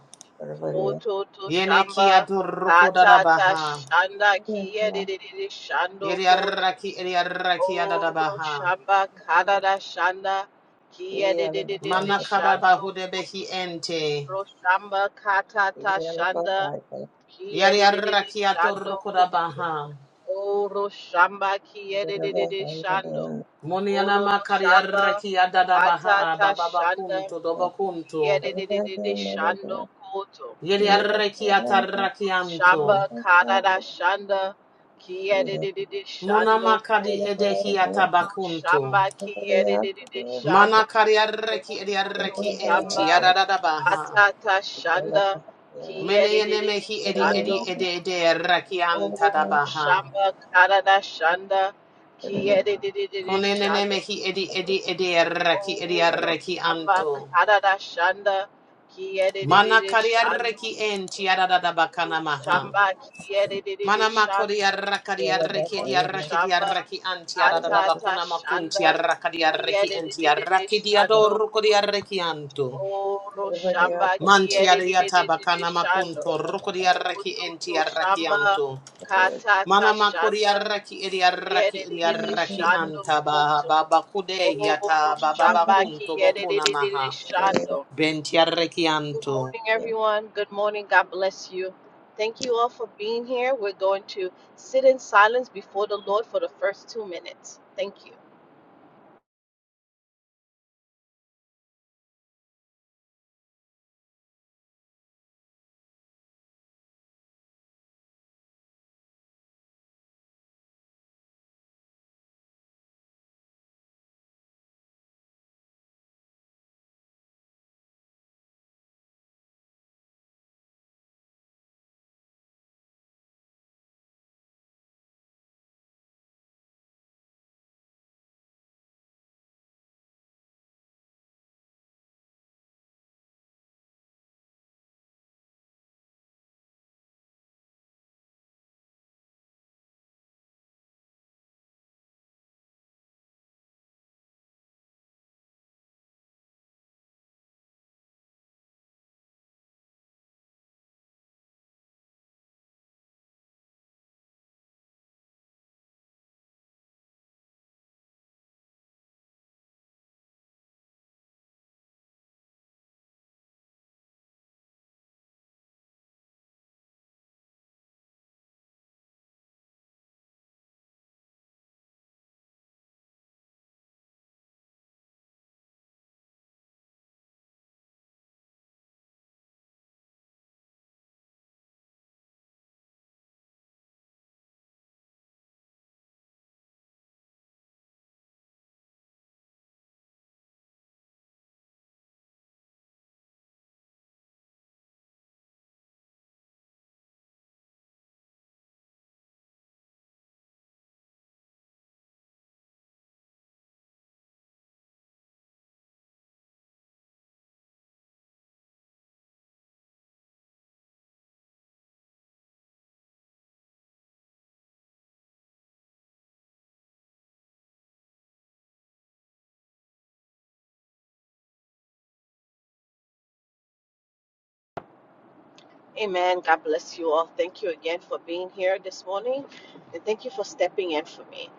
oto to Yene ki shamba adoruku tata ta dadabaha. shanda kigere Didin shando Yeri koto arraki eri arraki oro adadabaha. shamba karada shanda kigere Didin Mana kadaba shando hude behi koto ente. ro shamba kata ta shanda Yeri kigere Didin arraki shando atoruku koto dabaha. oro shamba kigere Didin shando Muniana Ododo makari Shamba arraki adadabaha. Atata Bababa Shanda kuntu dobo kuntu. Kiedidididi Shando Koto Yeri arreki atarraki Shamba karada Shanda Kiedidididi Shando Koto Monamakadi edehiata bakuntu. Shamba Kiedidididi Mana Shando kariareki Koto ediareki enti Shamba adadabaha. Atata Shanda Kiedidididi Meneyenemehi edi edi Shando edi edi Koto reki Oh antadabaha. Shamba karada Shanda Kiedidididi Shando Konenenemehi edi edi edi reki edi Oh, reki Roshamba, anto. Karada Shanda, Mana Kiedidididi Shando, kariareki Koto, enti adadabakanamaha. Roshamba, Kiedidididi Mana Shando, makoriareki Koto, ediareki ediareki Roshamba, anti Atata adadabakuna makunti Shanda, arrakadiareki enti Kiedidididi arraki Shando, Koto, diadorukodiareki anto. Oh, Roshamba, Mantiadiata Kiedidididi bakana Shando, makunto rokodiaraki Koto, Roshamba, entiarakianto. Mana Katata Shanda, makuriaraki idiaraki Kiedidididi idiaraki Shando, anta baha Koto, baba kude Oh, yata baba Roshamba, bakunto bokuna Kiedidididi maha. Shando, Good Bentiarakianto. morning, everyone. Good morning. God bless you. Thank you all for being here. We're going to sit in silence before the Lord for the first two minutes. Thank you. Amen. God bless you all. Thank you again for being here this morning. And thank you for stepping in for me.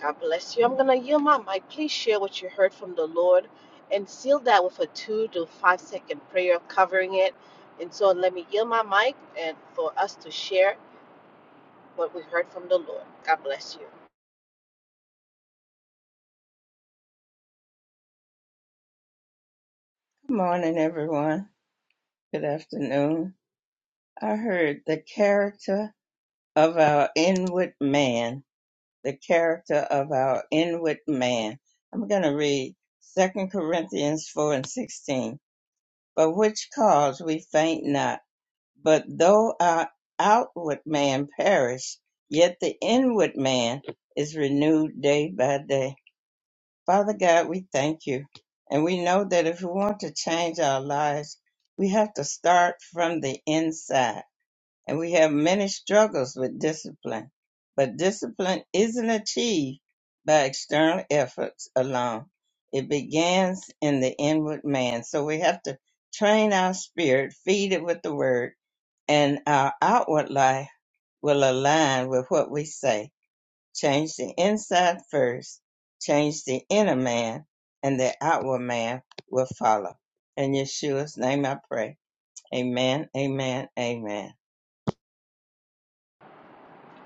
God bless you. I'm going to yield my mic. Please share what you heard from the Lord and seal that with a two to five second prayer covering it. And so let me yield my mic and for us to share what we heard from the Lord. God bless you.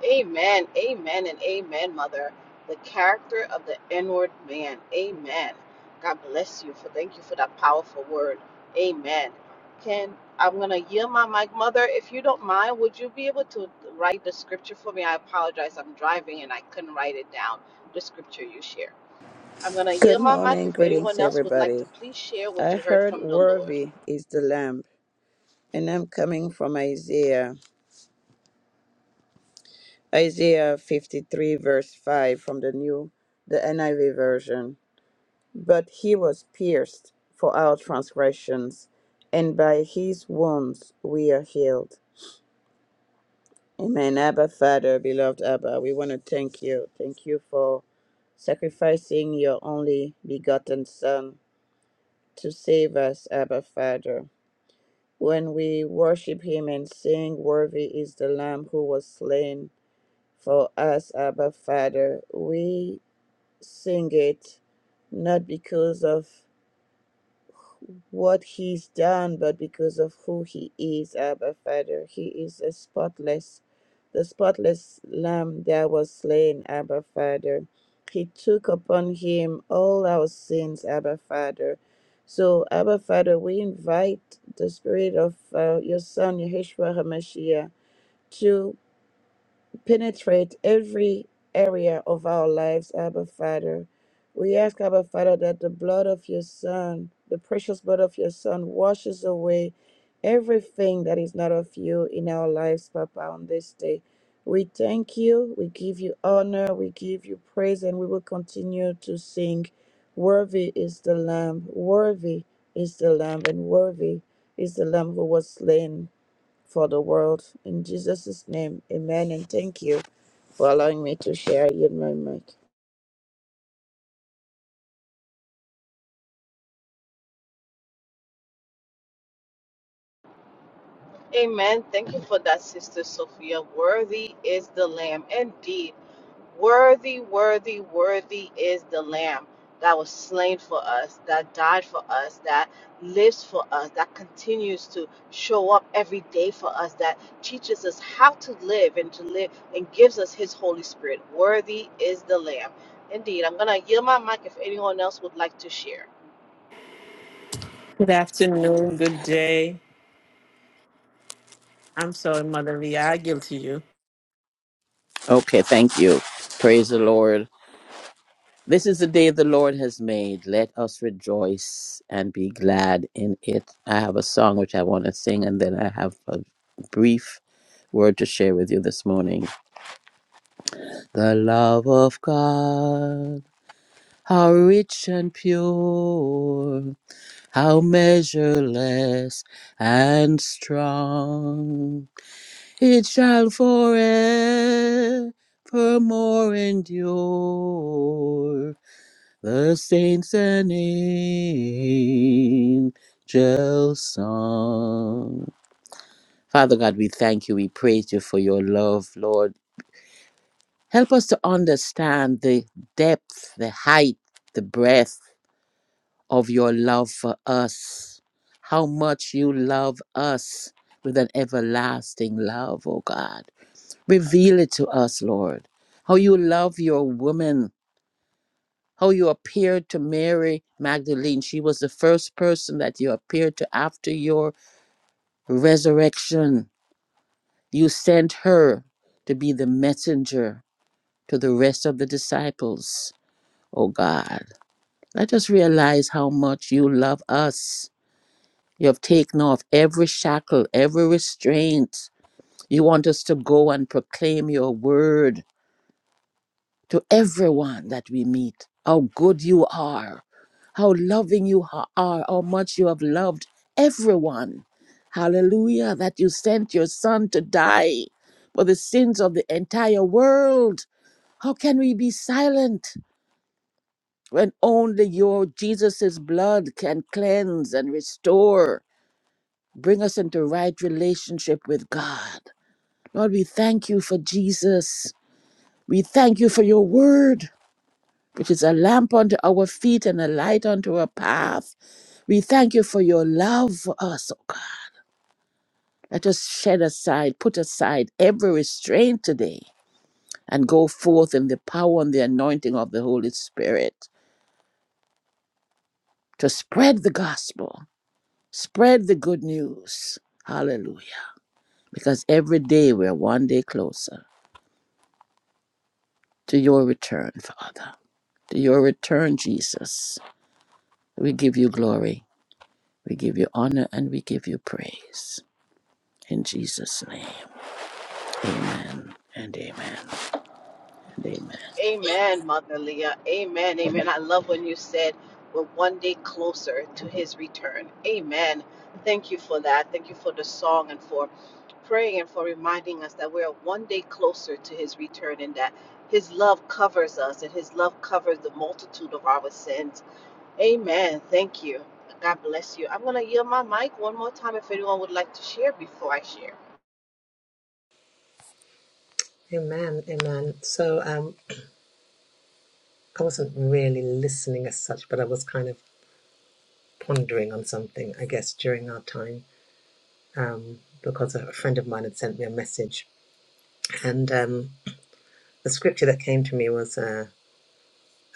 Amen, amen, and amen, Mother. The character of the inward man. Amen. God bless you for thank you for that powerful word. Amen. Can I'm gonna yield my mic, Mother. If you don't mind, would you be able to write the scripture for me? I apologize. I'm driving and I couldn't write it down. The scripture you share. I'm gonna Good yield my mic. morning, If anyone greetings else would like to everybody. please share I what you heard heard from the Lord. worthy is the lamb, and I'm coming from Isaiah, Isaiah 53 verse 5 from the new, the NIV version. But he was pierced for our transgressions, and by his wounds we are healed. Amen. Abba, Father, beloved Abba, we want to thank you. Thank you for sacrificing your only begotten Son to save us, Abba, Father. When we worship him and sing, Worthy is the Lamb who was slain for us, Abba, Father, we sing it not because of what he's done, but because of who he is, Abba Father. He is a spotless, the spotless lamb that was slain, Abba Father. He took upon him all our sins, Abba Father. So, Abba Father, we invite the spirit of uh, your son, Yeshua HaMashiach, to penetrate every area of our lives, Abba Father. We ask, Abba Father, that the blood of your Son, the precious blood of your Son, washes away everything that is not of you in our lives, Papa, on this day. We thank you, we give you honor, we give you praise, and we will continue to sing. Worthy is the Lamb, worthy is the Lamb, and worthy is the Lamb who was slain for the world. In Jesus' name, amen, and thank you for allowing me to share you in my mic. Amen. Thank you for that, Sister Sophia. Worthy is the Lamb. Indeed. Worthy, worthy, worthy is the Lamb that was slain for us, that died for us, that lives for us, that continues to show up every day for us, that teaches us how to live and to live and gives us His Holy Spirit. Worthy is the Lamb. Indeed, I'm going to yield my mic if anyone else would like to share. afternoon, good day. I'm sorry, Mother Lee, I yield to you. Okay, thank you. Praise the Lord. This is the day the Lord has made. Let us rejoice and be glad in it. I have a song which I want to sing, and then I have a brief word to share with you this morning. The love of God, how rich and pure, how measureless and strong, it shall forevermore endure The saints and angels song. Father God, we thank you. We praise you for your love, Lord. Help us to understand the depth, the height, the breadth of your love for us. How much you love us with an everlasting love, oh God. Reveal it to us, Lord. How you love your woman how you appeared to Mary Magdalene. She was the first person that you appeared to after your resurrection. You sent her to be the messenger to the rest of the disciples. Oh God, let us realize how much you love us. You have taken off every shackle, every restraint. You want us to go and proclaim your word. to everyone that we meet how good you are, how loving you ha- are, how much you have loved everyone. Hallelujah, that you sent your son to die for the sins of the entire world. How can we be silent when only your Jesus' blood can cleanse and restore, bring us into right relationship with God? Lord, we thank you for Jesus. We thank you for your word. which is a lamp unto our feet and a light unto our path. We thank you for your love for us, oh God. Let us shed aside, put aside every restraint today and go forth in the power and the anointing of the Holy Spirit to spread the gospel, spread the good news. Hallelujah. Because every day we're one day closer to your return, Father, to your return, Jesus. We give you glory, we give you honor, and we give you praise. In Jesus' name, amen and amen and amen. Amen, Mother Leah. Amen, amen. I love when you said we're one day closer to His return. Amen. Thank you for that. Thank you for the song and for praying and for reminding us that we're one day closer to his return and that his love covers us and his love covers the multitude of our sins. Amen. Thank you. God bless you. I'm going to yield my mic one more time if anyone would like to share before I share. Amen, amen. So um, I wasn't really listening as such, but I was kind of pondering on something, I guess, during our time, um, because a friend of mine had sent me a message. And um, the scripture that came to me was uh,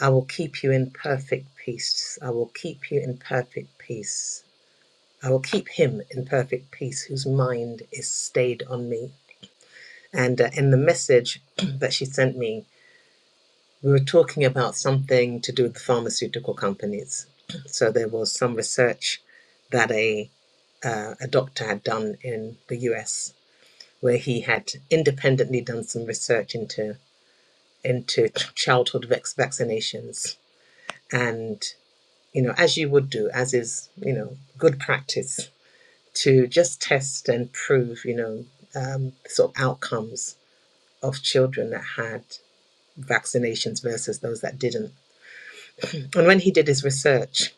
I will keep you in perfect peace. I will keep you in perfect peace. I will keep him in perfect peace whose mind is stayed on me. And uh, in the message (clears throat) that she sent me, we were talking about something to do with pharmaceutical companies. (clears throat) So there was some research that a uh, a doctor had done in the U.S. where he had independently done some research into into childhood vaccinations, and you know, as you would do, as is, you know, good practice to just test and prove, you know, um, sort of outcomes of children that had vaccinations versus those that didn't. And when he did his research,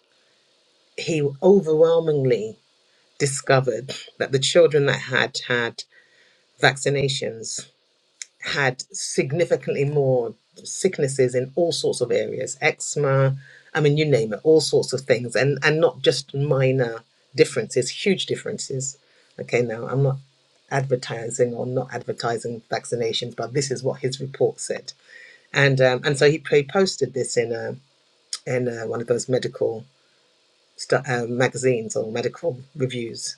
he overwhelmingly discovered that the children that had had vaccinations had significantly more sicknesses in all sorts of areas eczema i mean you name it all sorts of things and and not just minor differences huge differences okay now i'm not advertising or not advertising vaccinations but this is what his report said and um, and so he posted this in a in a, one of those medical stu- uh, magazines or medical reviews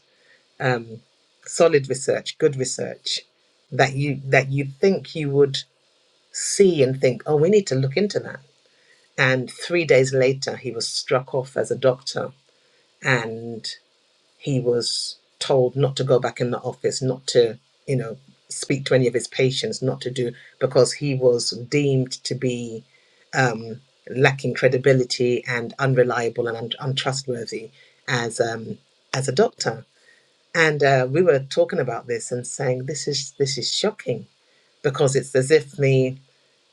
um, solid research good research that you that you think you would see and think, oh, we need to look into that. And three days later, he was struck off as a doctor and he was told not to go back in the office, not to, you know, speak to any of his patients, not to do, because he was deemed to be um, lacking credibility and unreliable and un- untrustworthy as, um, as a doctor. And uh, we were talking about this and saying, this is, this is shocking because it's as if the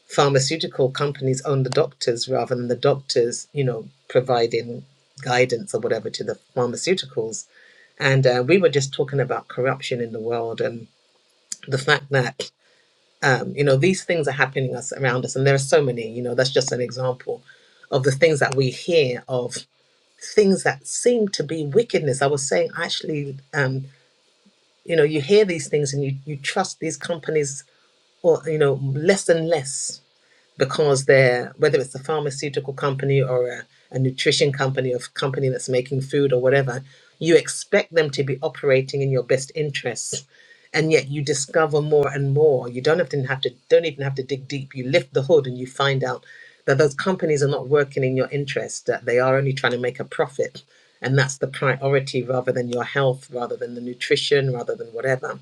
pharmaceutical companies own the doctors rather than the doctors, you know, providing guidance or whatever to the pharmaceuticals. And uh, we were just talking about corruption in the world and the fact that, um, you know, these things are happening us around us. And there are so many, you know, that's just an example of the things that we hear of things that seem to be wickedness. I was saying, actually, um, you know, you hear these things and you, you trust these companies or, you know, less and less because they're whether it's a pharmaceutical company or a, a nutrition company or a company that's making food or whatever you expect them to be operating in your best interests and yet you discover more and more you don't have to have to don't even have to dig deep you lift the hood and you find out that those companies are not working in your interest that they are only trying to make a profit and that's the priority rather than your health rather than the nutrition rather than whatever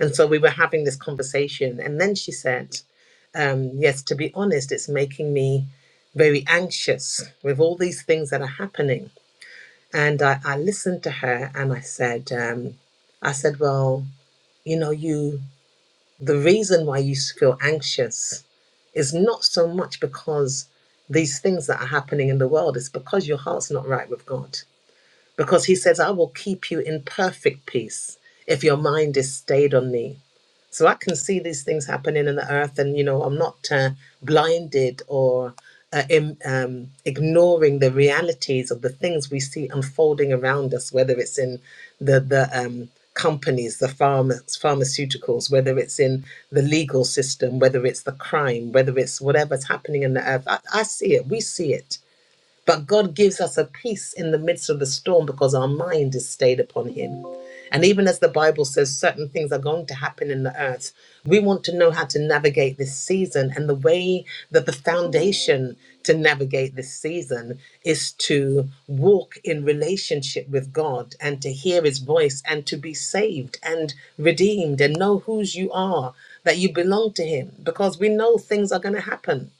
and so we were having this conversation and then she said um, yes, to be honest, it's making me very anxious with all these things that are happening. And I, I listened to her and I said, um, I said, well, you know, you, the reason why you feel anxious is not so much because these things that are happening in the world, it's because your heart's not right with God. Because He says, I will keep you in perfect peace if your mind is stayed on me. So I can see these things happening in the earth, and you know, I'm not uh, blinded or uh, im- um, ignoring the realities of the things we see unfolding around us, whether it's in the the um, companies, the pharma- pharmaceuticals, whether it's in the legal system, whether it's the crime, whether it's whatever's happening in the earth. I, I see it. We see it but God gives us a peace in the midst of the storm because our mind is stayed upon Him. And even as the Bible says, certain things are going to happen in the earth, we want to know how to navigate this season. And the way that the foundation to navigate this season is to walk in relationship with God and to hear His voice and to be saved and redeemed and know whose you are, that you belong to Him, because we know things are going to happen.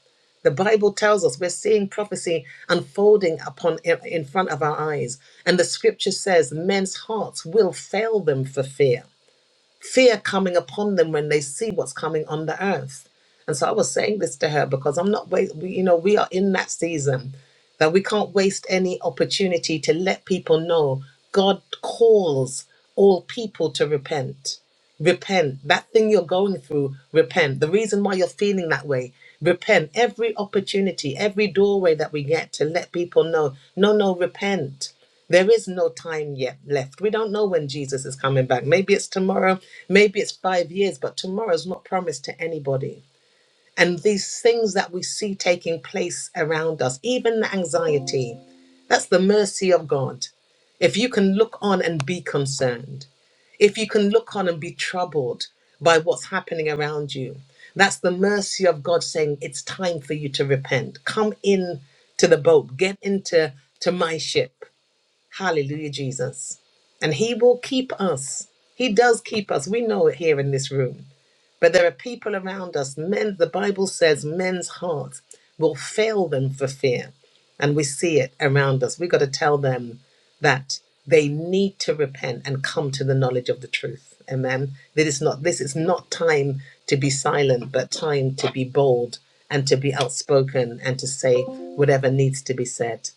The Bible tells us we're seeing prophecy unfolding upon in front of our eyes. And the scripture says men's hearts will fail them for fear. Fear coming upon them when they see what's coming on the earth. And so I was saying this to her because I'm not wait, we, you know, we are in that season that we can't waste any opportunity to let people know God calls all people to repent repent. That thing you're going through, repent. The reason why you're feeling that way, repent. Every opportunity, every doorway that we get to let people know, no, no, repent. There is no time yet left. We don't know when Jesus is coming back. Maybe it's tomorrow, maybe it's five years, but tomorrow's not promised to anybody and these things that we see taking place around us, even the anxiety, that's the mercy of God. If you can look on and be concerned, if you can look on and be troubled by what's happening around you, that's the mercy of God saying, It's time for you to repent. Come in to the boat, get into to my ship. Hallelujah, Jesus. And He will keep us. He does keep us. We know it here in this room. But there are people around us, men, the Bible says men's heart will fail them for fear. And we see it around us. We've got to tell them that they need to repent and come to the knowledge of the truth. Amen. That it's not this is not time to be silent, but time to be bold and to be outspoken and to say whatever needs to be said.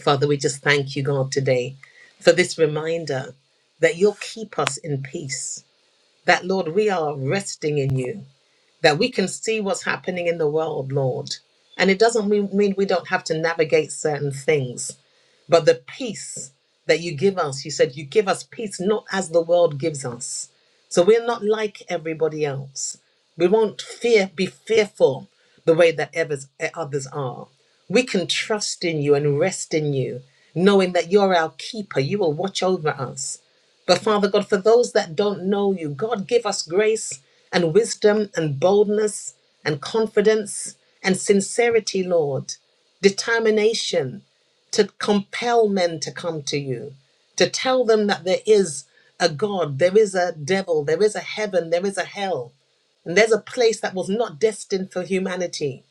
Father, we just thank you, God, today for this reminder that you'll keep us in peace, that, Lord, we are resting in you, that we can see what's happening in the world, Lord. And it doesn't mean mean we don't have to navigate certain things. But the peace that you give us, you said you give us peace not as the world gives us. So we're not like everybody else. We won't fear, be fearful the way that others, others are. We can trust in you and rest in you, knowing that you're our keeper. You will watch over us. But Father God, for those that don't know you, God, give us grace and wisdom and boldness and confidence and sincerity, Lord, determination to compel men to come to you, to tell them that there is a God, there is a devil, there is a heaven, there is a hell, and there's a place that was not destined for humanity.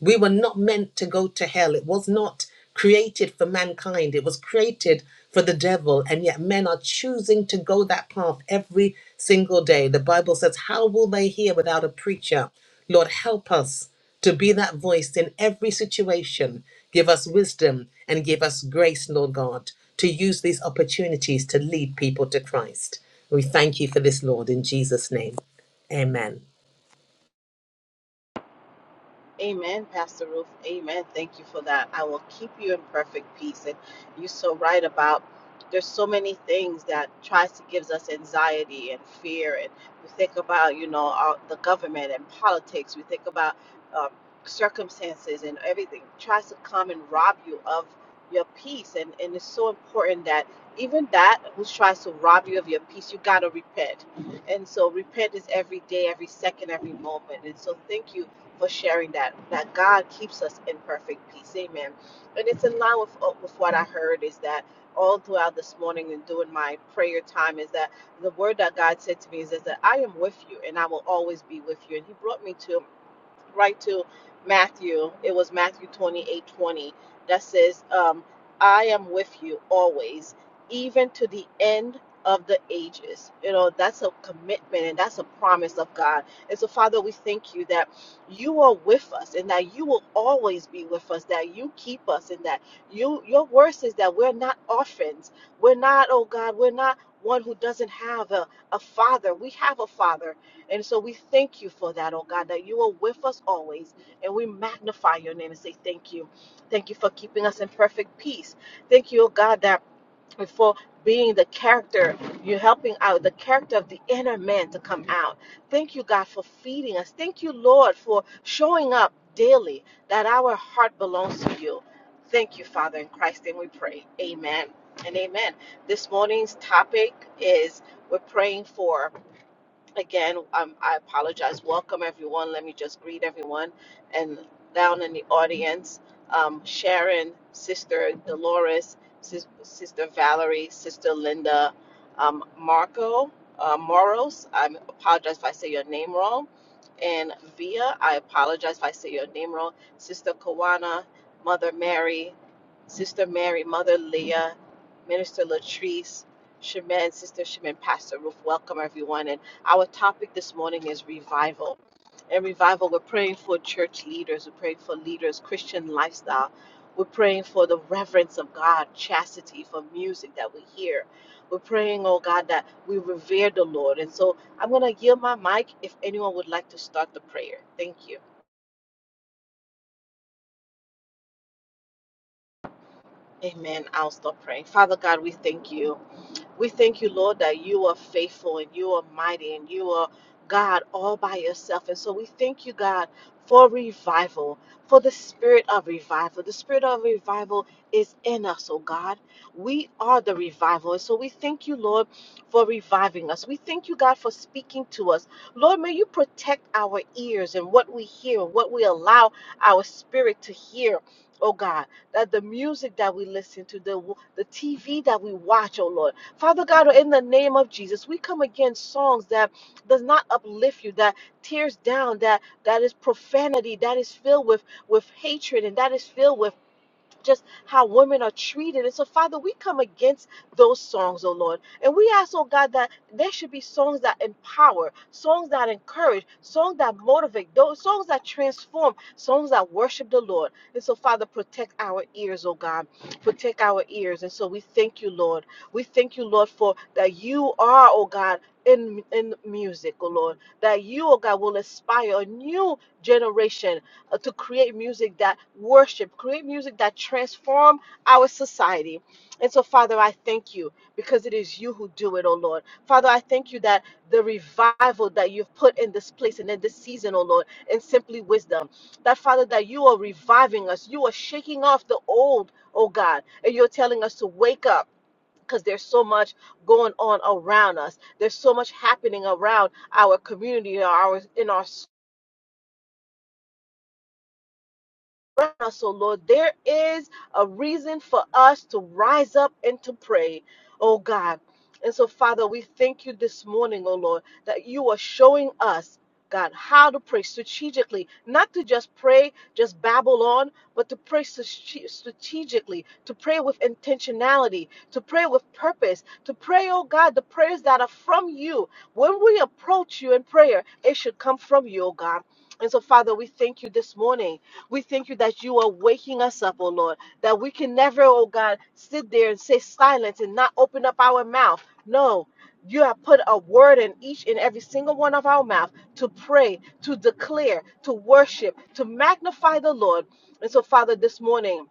We were not meant to go to hell. It was not created for mankind, it was created for the devil. And yet, men are choosing to go that path every single day. The Bible says, How will they hear without a preacher? Lord, help us to be that voice in every situation. Give us wisdom and give us grace, Lord God, to use these opportunities to lead people to Christ. We thank you for this, Lord, in Jesus' name. Amen. Amen, Pastor Ruth. Amen. Thank you for that. I will keep you in perfect peace. And you're so right about there's so many things that tries to gives us anxiety and fear. And we think about you know our, the government and politics. We think about um, circumstances and everything tries to come and rob you of your peace. And and it's so important that even that who tries to rob you of your peace, you gotta repent. And so repent is every day, every second, every moment. And so thank you for sharing that that God keeps us in perfect peace. Amen. And it's in line with uh, with what I heard is that all throughout this morning and doing my prayer time is that the word that God said to me is, is that I am with you and I will always be with you. And He brought me to right to Matthew. It was Matthew 28 20 that says, um, I am with you always, even to the end of the ages. You know, that's a commitment and that's a promise of God. And so, Father, we thank you that you are with us and that you will always be with us, that you keep us and that you your word says that we're not orphans. We're not, oh God, we're not one who doesn't have a, a father. We have a father and so we thank you for that, oh God, that you are with us always. And we magnify your name and say thank you. Thank you for keeping us in perfect peace. Thank you, oh God, that for being the character, you're helping out the character of the inner man to come out. Thank you, God, for feeding us. Thank you, Lord, for showing up daily that our heart belongs to you. Thank you, Father, in Christ's name we pray. Amen and amen. This morning's topic is we're praying for. Again, um, I apologize. Welcome, everyone. Let me just greet everyone. And down in the audience, um, Sharon, Sister Dolores, Sis- Sister Valerie, Sister Linda, um, Marco, uh, Moros, I apologize if I say your name wrong. And Via, I apologize if I say your name wrong. Sister Kawana, Mother Mary, Sister Mary, Mother Leah, Minister Latrice, Shemin, Sister Shemin, Pastor Ruth. Welcome, everyone. Our topic this morning is revival. In revival, we're praying for church leaders, we're praying for leaders, Christian lifestyle. We're praying for the reverence of God, chastity for music that we hear. We're praying, oh God, that we revere the Lord. And so I'm going to yield my mic if anyone would like to start the prayer. Thank you. Amen. I'll stop praying. Father God, we thank you. We thank you, Lord, that you are faithful and you are mighty and you are God all by yourself. And so we thank you, God, for revival, for the spirit of revival. The spirit of revival is in us, oh God. We are the revival. And so we thank you, Lord, for reviving us. We thank you, God, for speaking to us. Lord, may you protect our ears and what we hear, what we allow our spirit to hear. Oh God, that the music that we listen to, the the TV that we watch, oh Lord, Father God, in the name of Jesus, we come against songs that does not uplift you, that tears down, that that is profanity, that is filled with with hatred, and that is filled with just how women are treated. And so, Father, we come against those songs, oh Lord. And we ask, oh God, that there should be songs that empower, songs that encourage, songs that motivate, those songs that transform, songs that worship the Lord. And so, Father, protect our ears, oh God. Protect our ears. And so we thank you, Lord. We thank you, Lord, for that you are, oh God. In, in music, oh Lord, that you, oh God, will inspire a new generation uh, to create music that worship, create music that transform our society. And so, Father, I thank you because it is you who do it, oh Lord. Father, I thank you that the revival that you've put in this place and in this season, oh Lord, and simply wisdom, that Father, that you are reviving us. You are shaking off the old, oh God, and you're telling us to wake up. Because there's so much going on around us. There's so much happening around our community, our in our around us, oh Lord. There is a reason for us to rise up and to pray, oh God. And so, Father, we thank you this morning, oh Lord, that you are showing us. God, how to pray strategically, not to just pray, just babble on, but to pray strate- strategically, to pray with intentionality, to pray with purpose, to pray, oh God, the prayers that are from you. When we approach you in prayer, it should come from you, oh God. And so, Father, we thank you this morning we thank you that you are waking us up, oh Lord, that we can never, oh God, sit there and say silence and not open up our mouth. No. You have put a word in each and every single one of our mouth to pray, to declare, to worship, to magnify the Lord. And so, Father, this morning,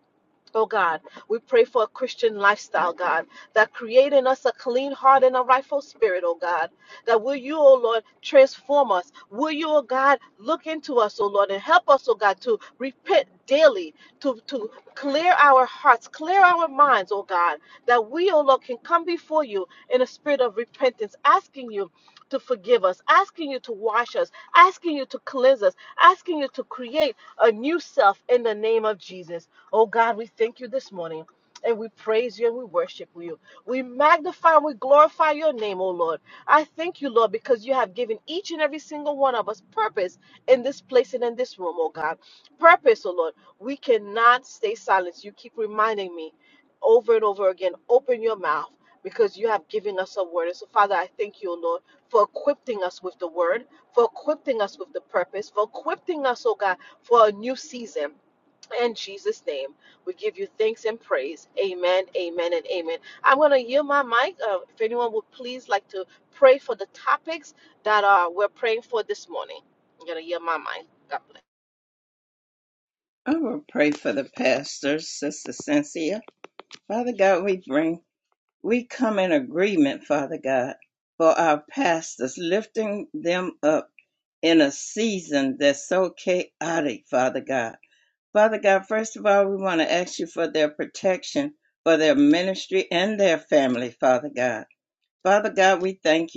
Oh God, we pray for a Christian lifestyle, God, that create in us a clean heart and a rightful spirit, oh God. That will you, oh Lord, transform us. Will you, oh God, look into us, oh Lord, and help us, oh God, to repent daily, to, to clear our hearts, clear our minds, oh God, that we, oh Lord, can come before you in a spirit of repentance, asking you to forgive us, asking you to wash us, asking you to cleanse us, asking you to create a new self in the name of Jesus. Oh God, we thank you this morning and we praise you and we worship you. We magnify and we glorify your name, oh Lord. I thank you, Lord, because you have given each and every single one of us purpose in this place and in this room, oh God. Purpose, oh Lord. We cannot stay silent. You keep reminding me over and over again open your mouth because you have given us a word. And so, Father, I thank you, oh Lord, for equipping us with the word, for equipping us with the purpose, for equipping us, oh God, for a new season in Jesus' name, we give you thanks and praise. Amen, amen, and amen. I'm going to yield my mic. Uh, if anyone would please like to pray for the topics that uh, we're praying for this morning, I'm going to yield my mic. God bless.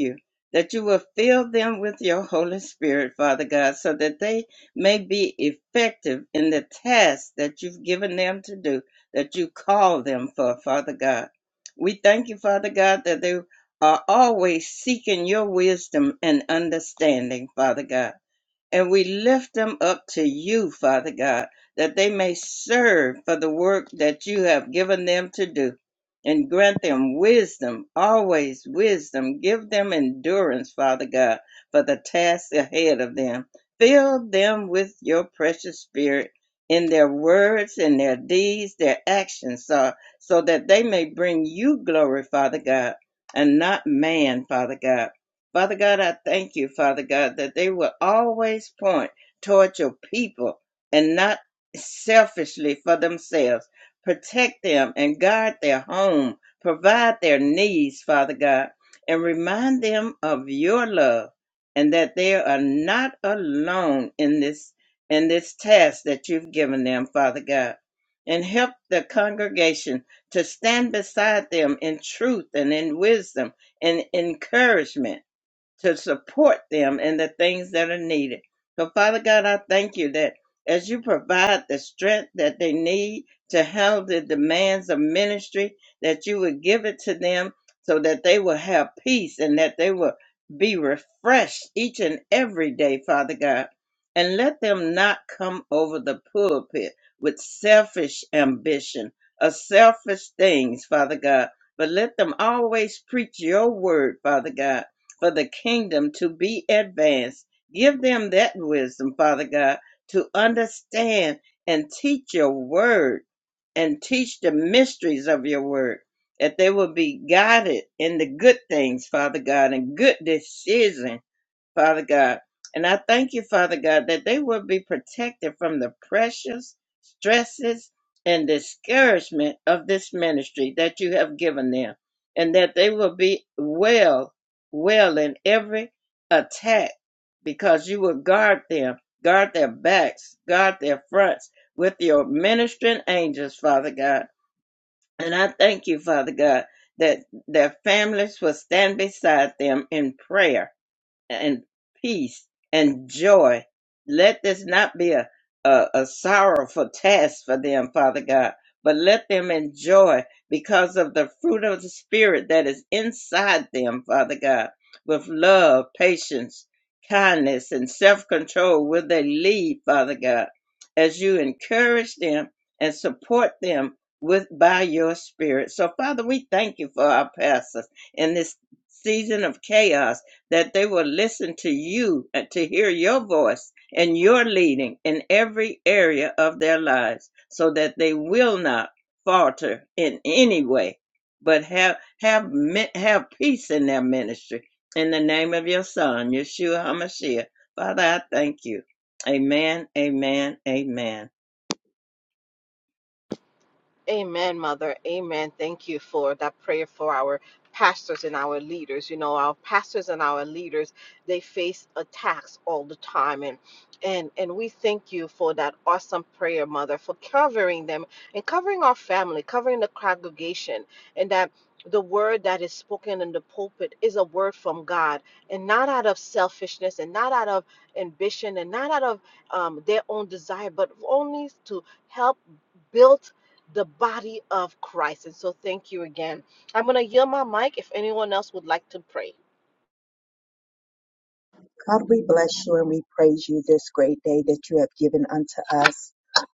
you that you will fill them with your Holy Spirit, Father God, so that they may be effective in the task that you've given them to do, that you call them for, Father God. We thank you, Father God, that they are always seeking your wisdom and understanding, Father God. And we lift them up to you, Father God, that they may serve for the work that you have given them to do. And grant them wisdom, always wisdom. Give them endurance, Father God, for the task ahead of them. Fill them with your precious spirit in their words, in their deeds, their actions, so, so that they may bring you glory, Father God, and not man, Father God. Father God, I thank you, Father God, that they will always point toward your people and not selfishly for themselves. Protect them and guard their home, provide their needs, Father God, and remind them of your love and that they are not alone in this in this task that you've given them, Father God. And help the congregation to stand beside them in truth and in wisdom and encouragement to support them in the things that are needed. So, Father God, I thank you that as you provide the strength that they need to handle the demands of ministry, that you would give it to them so that they will have peace and that they will be refreshed each and every day, Father God. And let them not come over the pulpit with selfish ambition or selfish things, Father God, but let them always preach your word, Father God for the kingdom to be advanced. Give them that wisdom, Father God, to understand and teach your word and teach the mysteries of your word, that they will be guided in the good things, Father God, and good decisions Father God. And I thank you, Father God, that they will be protected from the pressures, stresses, and discouragement of this ministry that you have given them, and that they will be well, well in every attack because you will guard them, guard their backs, guard their fronts with your ministering angels, Father God. And I thank you, Father God, that their families will stand beside them in prayer and peace and joy. Let this not be a, a, a sorrowful task for them, Father God, but let them enjoy because of the fruit of the Spirit that is inside them, Father God, with love, patience, kindness, and self control will they lead, Father God, as you encourage them and support them with by your spirit. So Father, we thank you for our pastors in this season of chaos that they will listen to you and to hear your voice and your leading in every area of their lives so that they will not falter in any way but have have have peace in their ministry in the name of your son yeshua hamashiach father i thank you amen amen amen Amen, Mother. Amen. Thank you for that prayer for our pastors and our leaders. You know, our pastors and our leaders, they face attacks all the time. And and and we thank you for that awesome prayer, Mother, for covering them and covering our family, covering the congregation, and that the word that is spoken in the pulpit is a word from God and not out of selfishness and not out of ambition and not out of um, their own desire, but only to help build the body of Christ. And so thank you again. I'm going to yield my mic if anyone else would like to pray. God, we bless you and we praise you this great day that you have given unto us.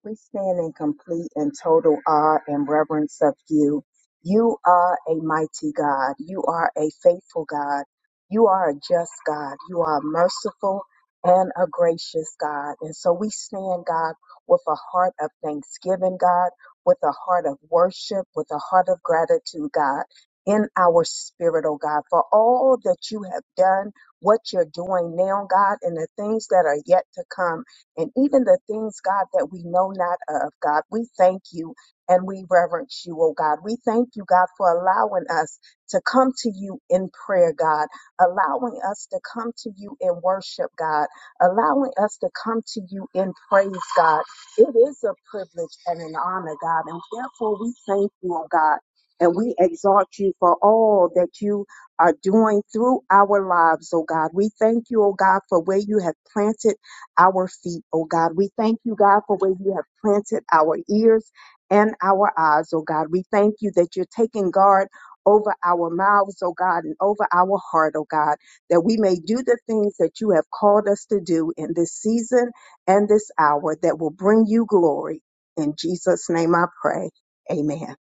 We stand in complete and total awe and reverence of you. You are a mighty God. You are a faithful God. You are a just God. You are a merciful and a gracious God. And so we stand, God, with a heart of thanksgiving, God, with a heart of worship, with a heart of gratitude, God, in our spirit, oh God, for all that you have done what you're doing now, God, and the things that are yet to come, and even the things, God, that we know not of, God. We thank you and we reverence you, oh God. We thank you, God, for allowing us to come to you in prayer, God, allowing us to come to you in worship, God, allowing us to come to you in praise, God. It is a privilege and an honor, God, and therefore we thank you, oh God. And we exalt you for all that you are doing through our lives, oh God. We thank you, oh God, for where you have planted our feet, oh God. We thank you, God, for where you have planted our ears and our eyes, oh God. We thank you that you're taking guard over our mouths, oh God, and over our heart, oh God, that we may do the things that you have called us to do in this season and this hour that will bring you glory. In Jesus' name I pray. Amen.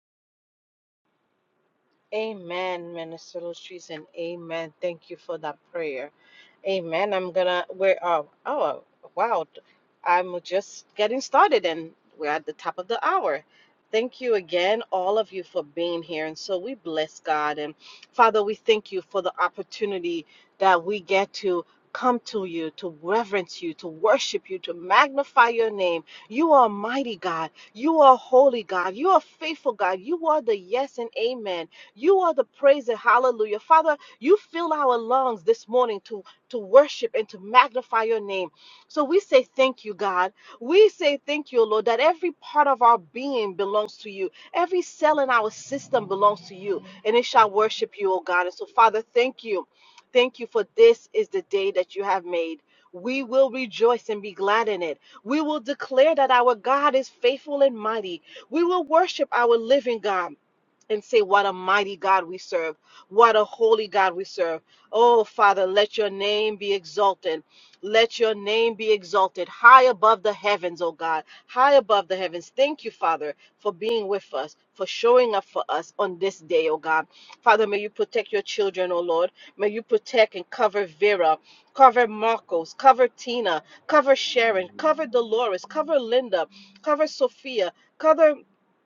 Amen, Minister Latrice, and amen. Thank you for that prayer. Amen. I'm gonna we're uh oh wow. I'm just getting started and we're at the top of the hour. Thank you again, all of you, for being here. And so we bless God. And Father, we thank you for the opportunity that we get to come to you, to reverence you, to worship you, to magnify your name. You are mighty God. You are holy God. You are faithful God. You are the yes and amen. You are the praise and hallelujah. Father, you fill our lungs this morning to to worship and to magnify your name. So we say thank you, God. We say thank you, Lord, that every part of our being belongs to you. Every cell in our system belongs to you, and it shall worship you, O God. And so, Father, thank you. Thank you for this is the day that you have made. We will rejoice and be glad in it. We will declare that our God is faithful and mighty. We will worship our living God and say, What a mighty God we serve. What a holy God we serve. Oh, Father, let your name be exalted. Let your name be exalted high above the heavens, oh God, high above the heavens. Thank you, Father, for being with us, for showing up for us on this day, oh God. Father, may you protect your children, oh Lord. May you protect and cover Vera, cover Marcos, cover Tina, cover Sharon, cover Dolores, cover Linda, cover Sophia, cover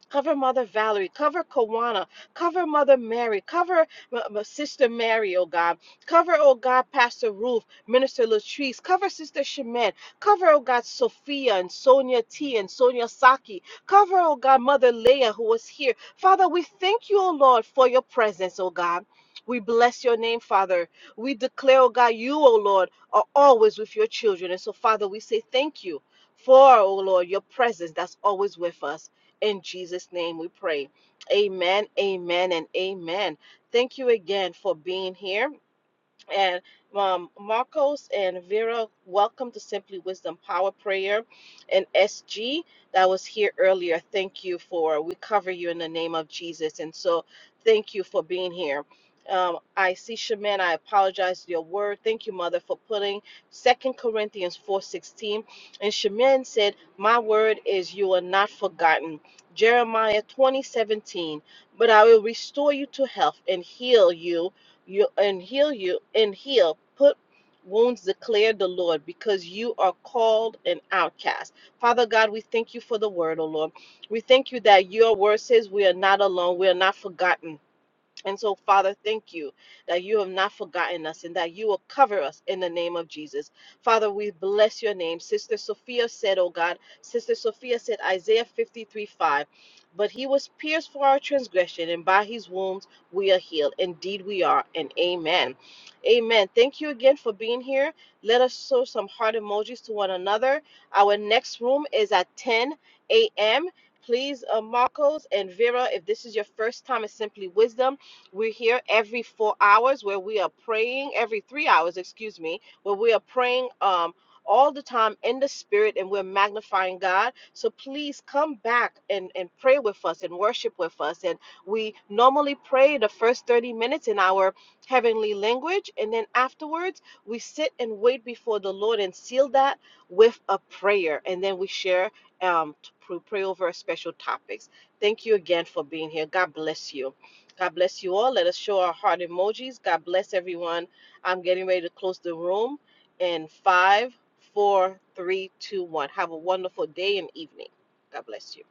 Cover Mother Valerie. Cover Kawana. Cover Mother Mary. Cover M- M- Sister Mary, oh God. Cover, oh God, Pastor Ruth, Minister Latrice. Cover Sister Shemin. Cover, oh God, Sophia and Sonia T and Sonia Saki. Cover, oh God, Mother Leah, who was here. Father, we thank you, oh Lord, for your presence, oh God. We bless your name, Father. We declare, oh God, you, oh Lord, are always with your children. And so, Father, we say thank you for, oh Lord, your presence that's always with us. In Jesus' name we pray. Amen, amen, and amen. Thank you again for being here. And um, Marcos and Vera, welcome to Simply Wisdom Power Prayer. And SG, that was here earlier, thank you for, we cover you in the name of Jesus. And so thank you for being here. Um, I see Shaman, I apologize for your word. Thank you, Mother, for putting Second Corinthians 4.16. And Shaman said, my word is you are not forgotten. Jeremiah 20:17. But I will restore you to health and heal you you and heal you and heal. Put wounds declare the Lord because you are called an outcast. Father God, we thank you for the word, O Lord. We thank you that your word says we are not alone, we are not forgotten. And so, Father, thank you that you have not forgotten us and that you will cover us in the name of Jesus. Father, we bless your name. Sister Sophia said, Oh God, Sister Sophia said, Isaiah 53 5, but he was pierced for our transgression, and by his wounds we are healed. Indeed, we are, and amen. Amen. Thank you again for being here. Let us show some heart emojis to one another. Our next room is at 10 a.m. Please, uh, Marcos and Vera, if this is your first time, it's simply wisdom. We're here every four hours where we are praying, every three hours, excuse me, where we are praying um, all the time in the spirit and we're magnifying God. So please come back and, and pray with us and worship with us. And we normally pray the first 30 minutes in our heavenly language. And then afterwards, we sit and wait before the Lord and seal that with a prayer. And then we share, um, to pr- pray over special topics. Thank you again for being here. God bless you. God bless you all. Let us show our heart emojis. God bless everyone. I'm getting ready to close the room in five, four, three, two, one. Have a wonderful day and evening. God bless you.